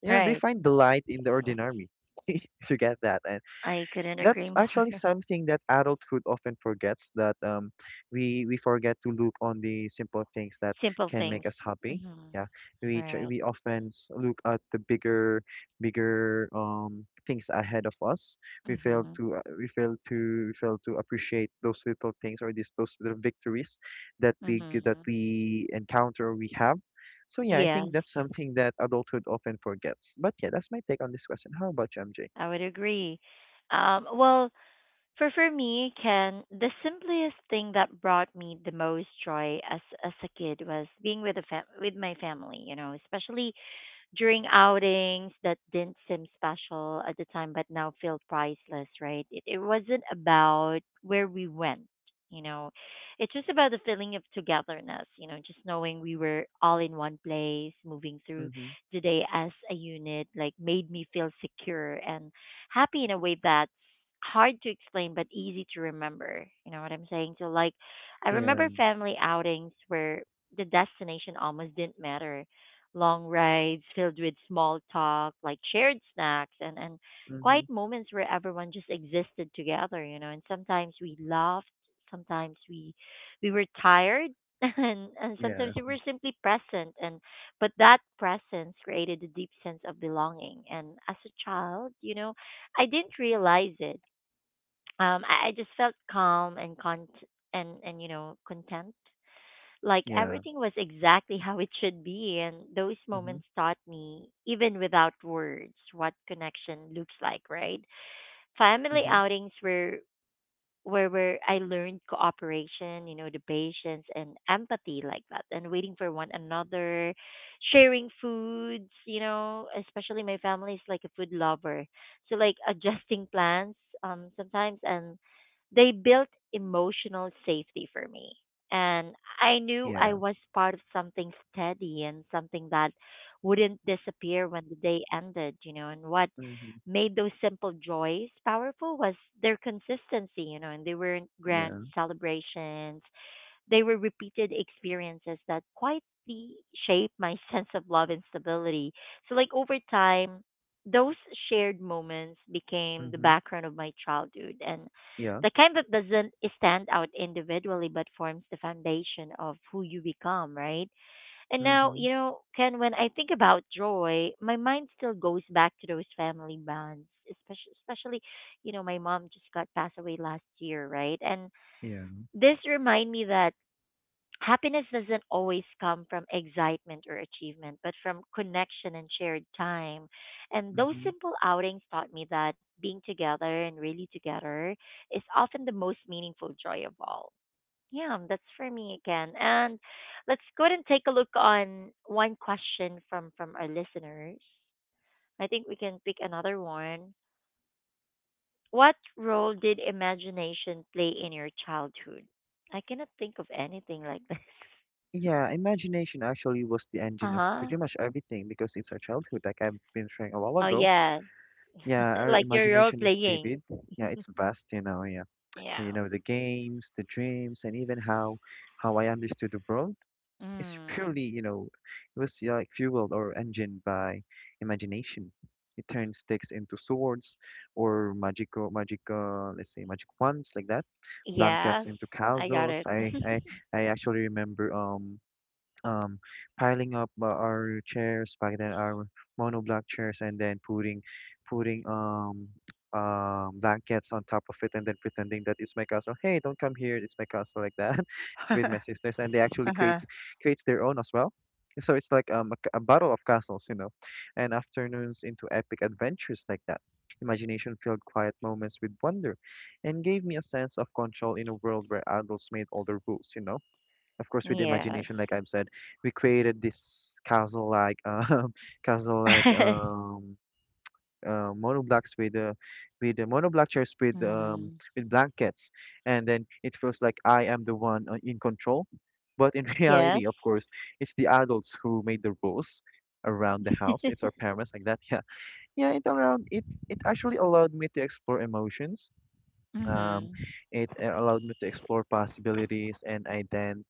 S2: You know, they
S1: Right.
S2: find delight in the ordinary. If you get that,
S1: I couldn't agree
S2: that's
S1: more.
S2: actually something that adulthood often forgets, that we forget to look on the simple things that
S1: Simple
S2: can make
S1: things.
S2: us happy.
S1: Mhm.
S2: Yeah,
S1: Right.
S2: we often look at the bigger bigger things ahead of us. We fail
S1: Mhm.
S2: to we fail to appreciate those little things, or these those little victories that that
S1: Mhm.
S2: we encounter or we have. So yeah, I think
S1: Yes,
S2: that's something that adulthood often forgets, but yeah, that's my take on this question. How about you, MJ?
S1: I would agree. Well, For me, Ken, the simplest thing that brought me the most joy as a kid was being with with my family. You know, especially during outings that didn't seem special at the time but now feel priceless, right? It wasn't about where we went, you know. It's just about the feeling of togetherness, you know, just knowing we were all in one place, moving through
S2: Mm-hmm.
S1: the day as a unit, like made me feel secure and happy in a way that's hard to explain but easy to remember. You know what I'm saying? So like I
S2: Yeah.
S1: remember family outings where the destination almost didn't matter, long rides filled with small talk, like shared snacks and quiet
S2: Mm-hmm.
S1: moments where everyone just existed together, you know. And sometimes we laughed, sometimes we were tired and sometimes
S2: Yeah.
S1: we were simply present, and but that presence created a deep sense of belonging. And as a child, you know, I didn't realize it. I just felt calm and con and you know, content, like
S2: Yeah.
S1: everything was exactly how it should be. And those
S2: Mm-hmm.
S1: moments taught me, even without words, what connection looks like, right? Family
S2: Mm-hmm.
S1: outings were where I learned cooperation, you know, the patience and empathy like that, and waiting for one another, sharing foods, you know. Especially my family is like a food lover, so like adjusting plans sometimes, and they built emotional safety for me, and I knew I
S2: Yeah.
S1: was part of something steady, and something that wouldn't disappear when the day ended, you know. And what
S2: Mm-hmm.
S1: made those simple joys powerful was their consistency, you know, and they weren't grand
S2: Yeah.
S1: celebrations. They were repeated experiences that quietly shaped my sense of love and stability. So, like, over time, those shared moments became the
S2: Mm-hmm.
S1: background of my childhood, and
S2: Yeah.
S1: the kind that doesn't stand out individually but forms the foundation of who you become, right? And now,
S2: Mm-hmm.
S1: you know, Ken, when I think about joy, my mind still goes back to those family bonds, especially, especially, you know, my mom just got passed away last year, right? And
S2: Yeah.
S1: this remind me that happiness doesn't always come from excitement or achievement, but from connection and shared time. And those
S2: Mm-hmm.
S1: simple outings taught me that being together, and really together, is often the most meaningful joy of all. Yeah, that's for me again. And let's go ahead and take a look on one question from our listeners. I think we can pick another one. What role did imagination play in your childhood? I cannot think of anything like this.
S2: Yeah. Imagination actually was the
S1: Uh
S2: engine of
S1: huh.
S2: pretty much everything, because it's our childhood, like I've been sharing a while
S1: Oh
S2: ago.
S1: yeah,
S2: Yeah, our
S1: like your role
S2: imagination is
S1: playing.
S2: vivid. Yeah, it's vast, you know. Yeah, you
S1: Yeah.
S2: know, the games, the dreams, and even how I understood the world. It's
S1: Mm.
S2: purely, you know, it was yeah, like fueled or engined by imagination. It turns sticks into swords or let's say magic wands like that, blankets
S1: Yes,
S2: into
S1: I got
S2: castles.
S1: it.
S2: I actually remember um, piling up our chairs back then, our monoblock chairs, and then putting blankets on top of it, and then pretending that it's my castle. Hey, don't come here! It's my castle, like that. It's
S1: Uh
S2: with my sisters, and they actually creates
S1: huh.
S2: creates their own as well. So it's like a battle of castles, you know, and afternoons into epic adventures like that. Imagination filled quiet moments with wonder and gave me a sense of control in a world where adults made all the rules, you know. Of course, with
S1: Yes.
S2: imagination, like I've said, we created this castle, like castle like monoblocks with the monoblock chairs
S1: Mm.
S2: with blankets, and then it feels like I am the one in control, but in reality,
S1: Yes.
S2: of course, it's the adults who made the rules around the house. It's our parents, like that. Yeah. Yeah, it around it it actually allowed me to explore emotions, um,
S1: Mm-hmm.
S2: it allowed me to explore possibilities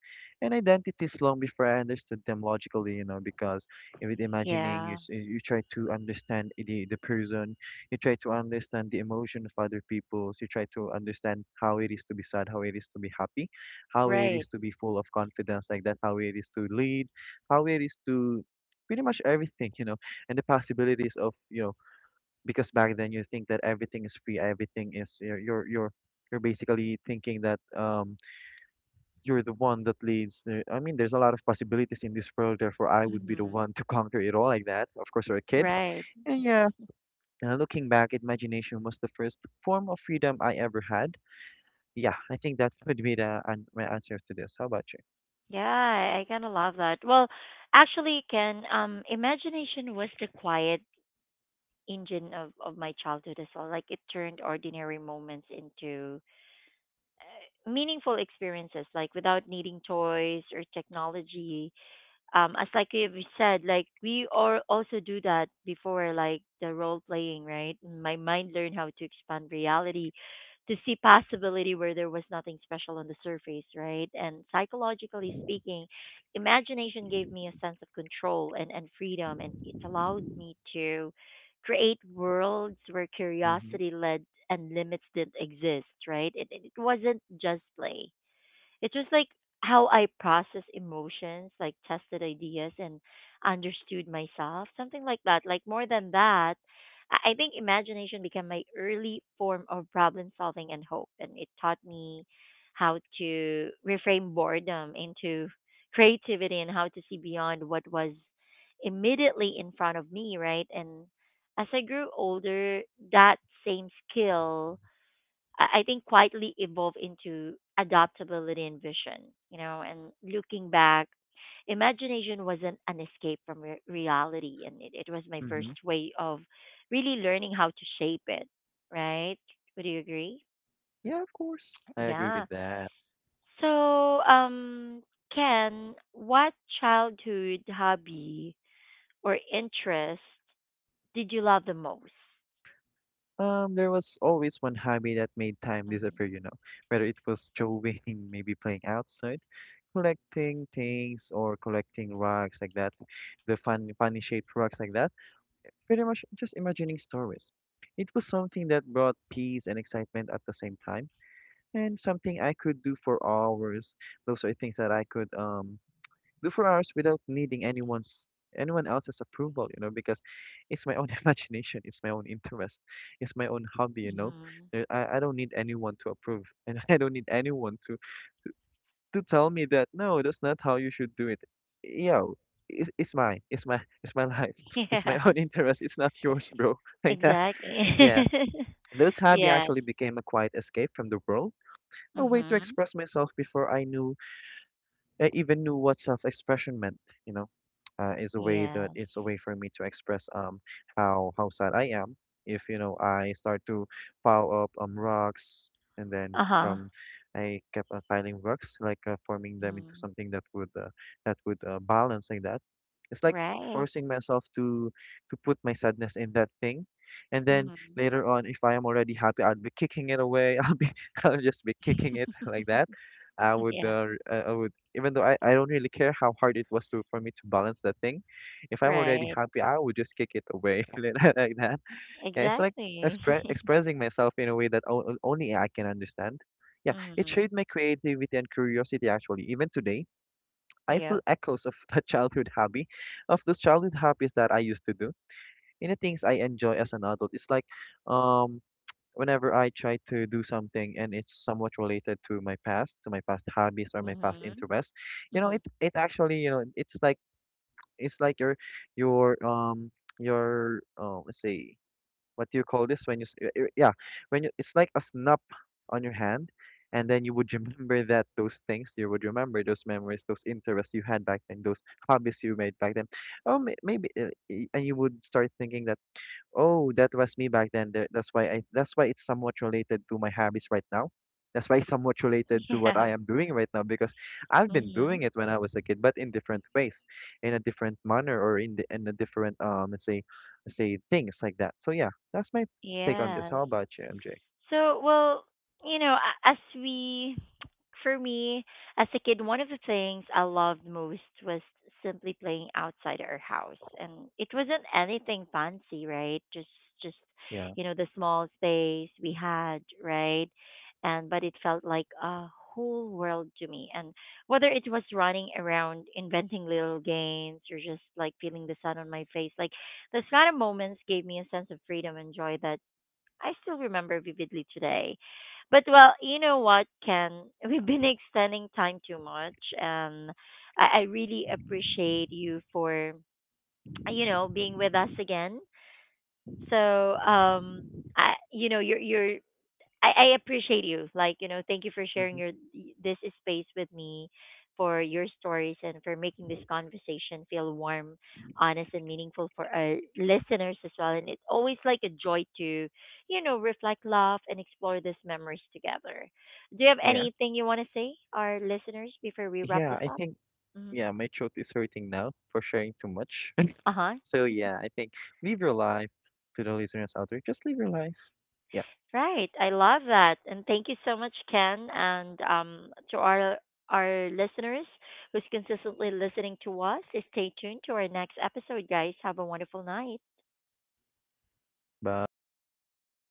S2: and identities long before I understood them logically, you know, because with imagining, you
S1: Yeah,
S2: you try to understand the person, you try to understand the emotion of other people, you try to understand how it is to be sad, how it is to be happy, how it is
S1: right.
S2: to be full of confidence like that, how it is to lead, how it is to pretty much everything, you know, and the possibilities of, you know, because back then you think that everything is free, everything is you're basically thinking that you're the one that leads. I mean, there's a lot of possibilities in this world. Therefore, I would be the
S1: Hmm.
S2: one to conquer it all like that. Of course, you're a kid,
S1: Right.
S2: and yeah, looking back, imagination was the first form of freedom I ever had. Yeah, I think that would be my answer to this. How about you?
S1: I kind of love that. Well, actually, Ken, imagination was the quiet engine of my childhood as well. Like it turned ordinary moments into meaningful experiences, like without needing toys or technology. Um, as like you said, like we are also do that before, like the role playing, right? My mind learned how to expand reality, to see possibility where there was nothing special on the surface, right? And psychologically speaking, imagination gave me a sense of control and freedom, and it allowed me to create worlds where
S2: Mm-hmm.
S1: curiosity led and limits didn't exist, right? It wasn't just play, it's just like how I process emotions, like tested ideas and understood myself, something like that. Like more than that, I think imagination became my early form of problem solving and hope, and it taught me how to reframe boredom into creativity, and how to see beyond what was immediately in front of me, right? And as I grew older, that same skill, I think, quietly evolve into adaptability and vision, you know. And looking back, imagination wasn't an escape from reality, and it was my first
S2: Mm-hmm.
S1: way of really learning how to shape it, right? Would you agree?
S2: Yeah, of course, I agree
S1: Yeah.
S2: with that.
S1: So, um, Ken, what childhood hobby or interest did you love the most?
S2: There was always one hobby that made time
S1: Mm-hmm.
S2: disappear, you know, whether it was drawing, maybe playing outside, collecting things, or collecting rocks like that, the funny shaped rocks like that. Pretty much just imagining stories. It was something that brought peace and excitement at the same time, and something I could do for hours. Those are things that I could do for hours without needing anyone else's approval, you know, because it's my own imagination, it's my own interest, it's my own hobby, you know. I don't need anyone to approve, and I don't need anyone to tell me that no, that's not how you should do it. Yo, it's mine. It's my it's my life. It's my
S1: Yeah,
S2: own interest. It's not yours, bro. Like that.
S1: exactly.
S2: Yeah. This hobby
S1: Yes.
S2: actually became a quiet escape from the world, a way to
S1: Mhm.
S2: express myself before I even knew what self-expression meant, you know. Is a way that
S1: Yes.
S2: it's a way for me to express how sad I am. If you know I start to pile up rocks, and then
S1: Uh huh.
S2: from I kept piling rocks like forming them into
S1: Mm.
S2: something that would balance like that. It's like
S1: Right.
S2: forcing myself to put my sadness in that thing, and then
S1: Mhm.
S2: later on, if I am already happy, I'll be kicking it away. I'll just be kicking it like that. I would
S1: Yeah.
S2: I would even though I don't really care how hard it was to for me to balance that thing. If I'm already
S1: Right.
S2: happy, I would just kick it away like that. Yeah, it's like
S1: Exactly.
S2: expressing myself in a way that only I can understand. Yeah, it
S1: Mhm.
S2: shaped my creativity and curiosity, actually. Even today, I feel
S1: Yep.
S2: echoes of that childhood hobby, of those childhood hobbies that I used to do. In the things I enjoy as an adult, it's like um whenever I try to do something and it's somewhat related to my past hobbies or my past
S1: Mhm.
S2: interests, you know,
S1: Mhm.
S2: it actually, you know, it's like your um your let's say, what do you call this when you s- y- y- yeah, when you, it's like a snap on your hand. And then you would remember that those things, you would remember those memories, those interests you had back then, those hobbies you made back then. Oh, maybe, and you would start thinking that. Oh, that was me back then. That's why I that's why it's somewhat related to my habits right now. That's why it's somewhat related to what
S1: Yeah.
S2: I am doing right now, because I've been
S1: Mhm.
S2: doing it when I was a kid, but in different ways, in a different manner, or in in a different let's say things like that. So yeah, that's my take on this.
S1: Yes.
S2: How about you, MJ?
S1: So, well, you know, for me, as a kid, one of the things I loved most was simply playing outside our house, and it wasn't anything fancy, right? Just,
S2: Yeah.
S1: you know, the small space we had, right? And but it felt like a whole world to me. And whether it was running around, inventing little games, or just like feeling the sun on my face, like those kind of moments gave me a sense of freedom and joy that I still remember vividly today. But well, you know what, Ken? We've been extending time too much, and I really appreciate you for, you know, being with us again. So I, you know, I appreciate you. Like, you know, thank you for sharing
S2: Hmm.
S1: your this space with me, for your stories and for making this conversation feel warm, honest and meaningful for our listeners as well. And it's always like a joy to, you know, reflect, laugh and explore these memories together. Do you have
S2: Yeah.
S1: anything you want to say our listeners before we wrap
S2: Yeah,
S1: this
S2: I
S1: up?
S2: think
S1: Mm-hmm.
S2: yeah, my throat is hurting now for sharing too much.
S1: Uh-huh.
S2: So yeah, I think live your life, to the listeners out there. Just live your life. Yeah.
S1: Right. I love that. And thank you so much, Ken, and to our listeners who's consistently listening to us. Stay tuned to our next episode, guys. Have a wonderful night.
S2: Bye.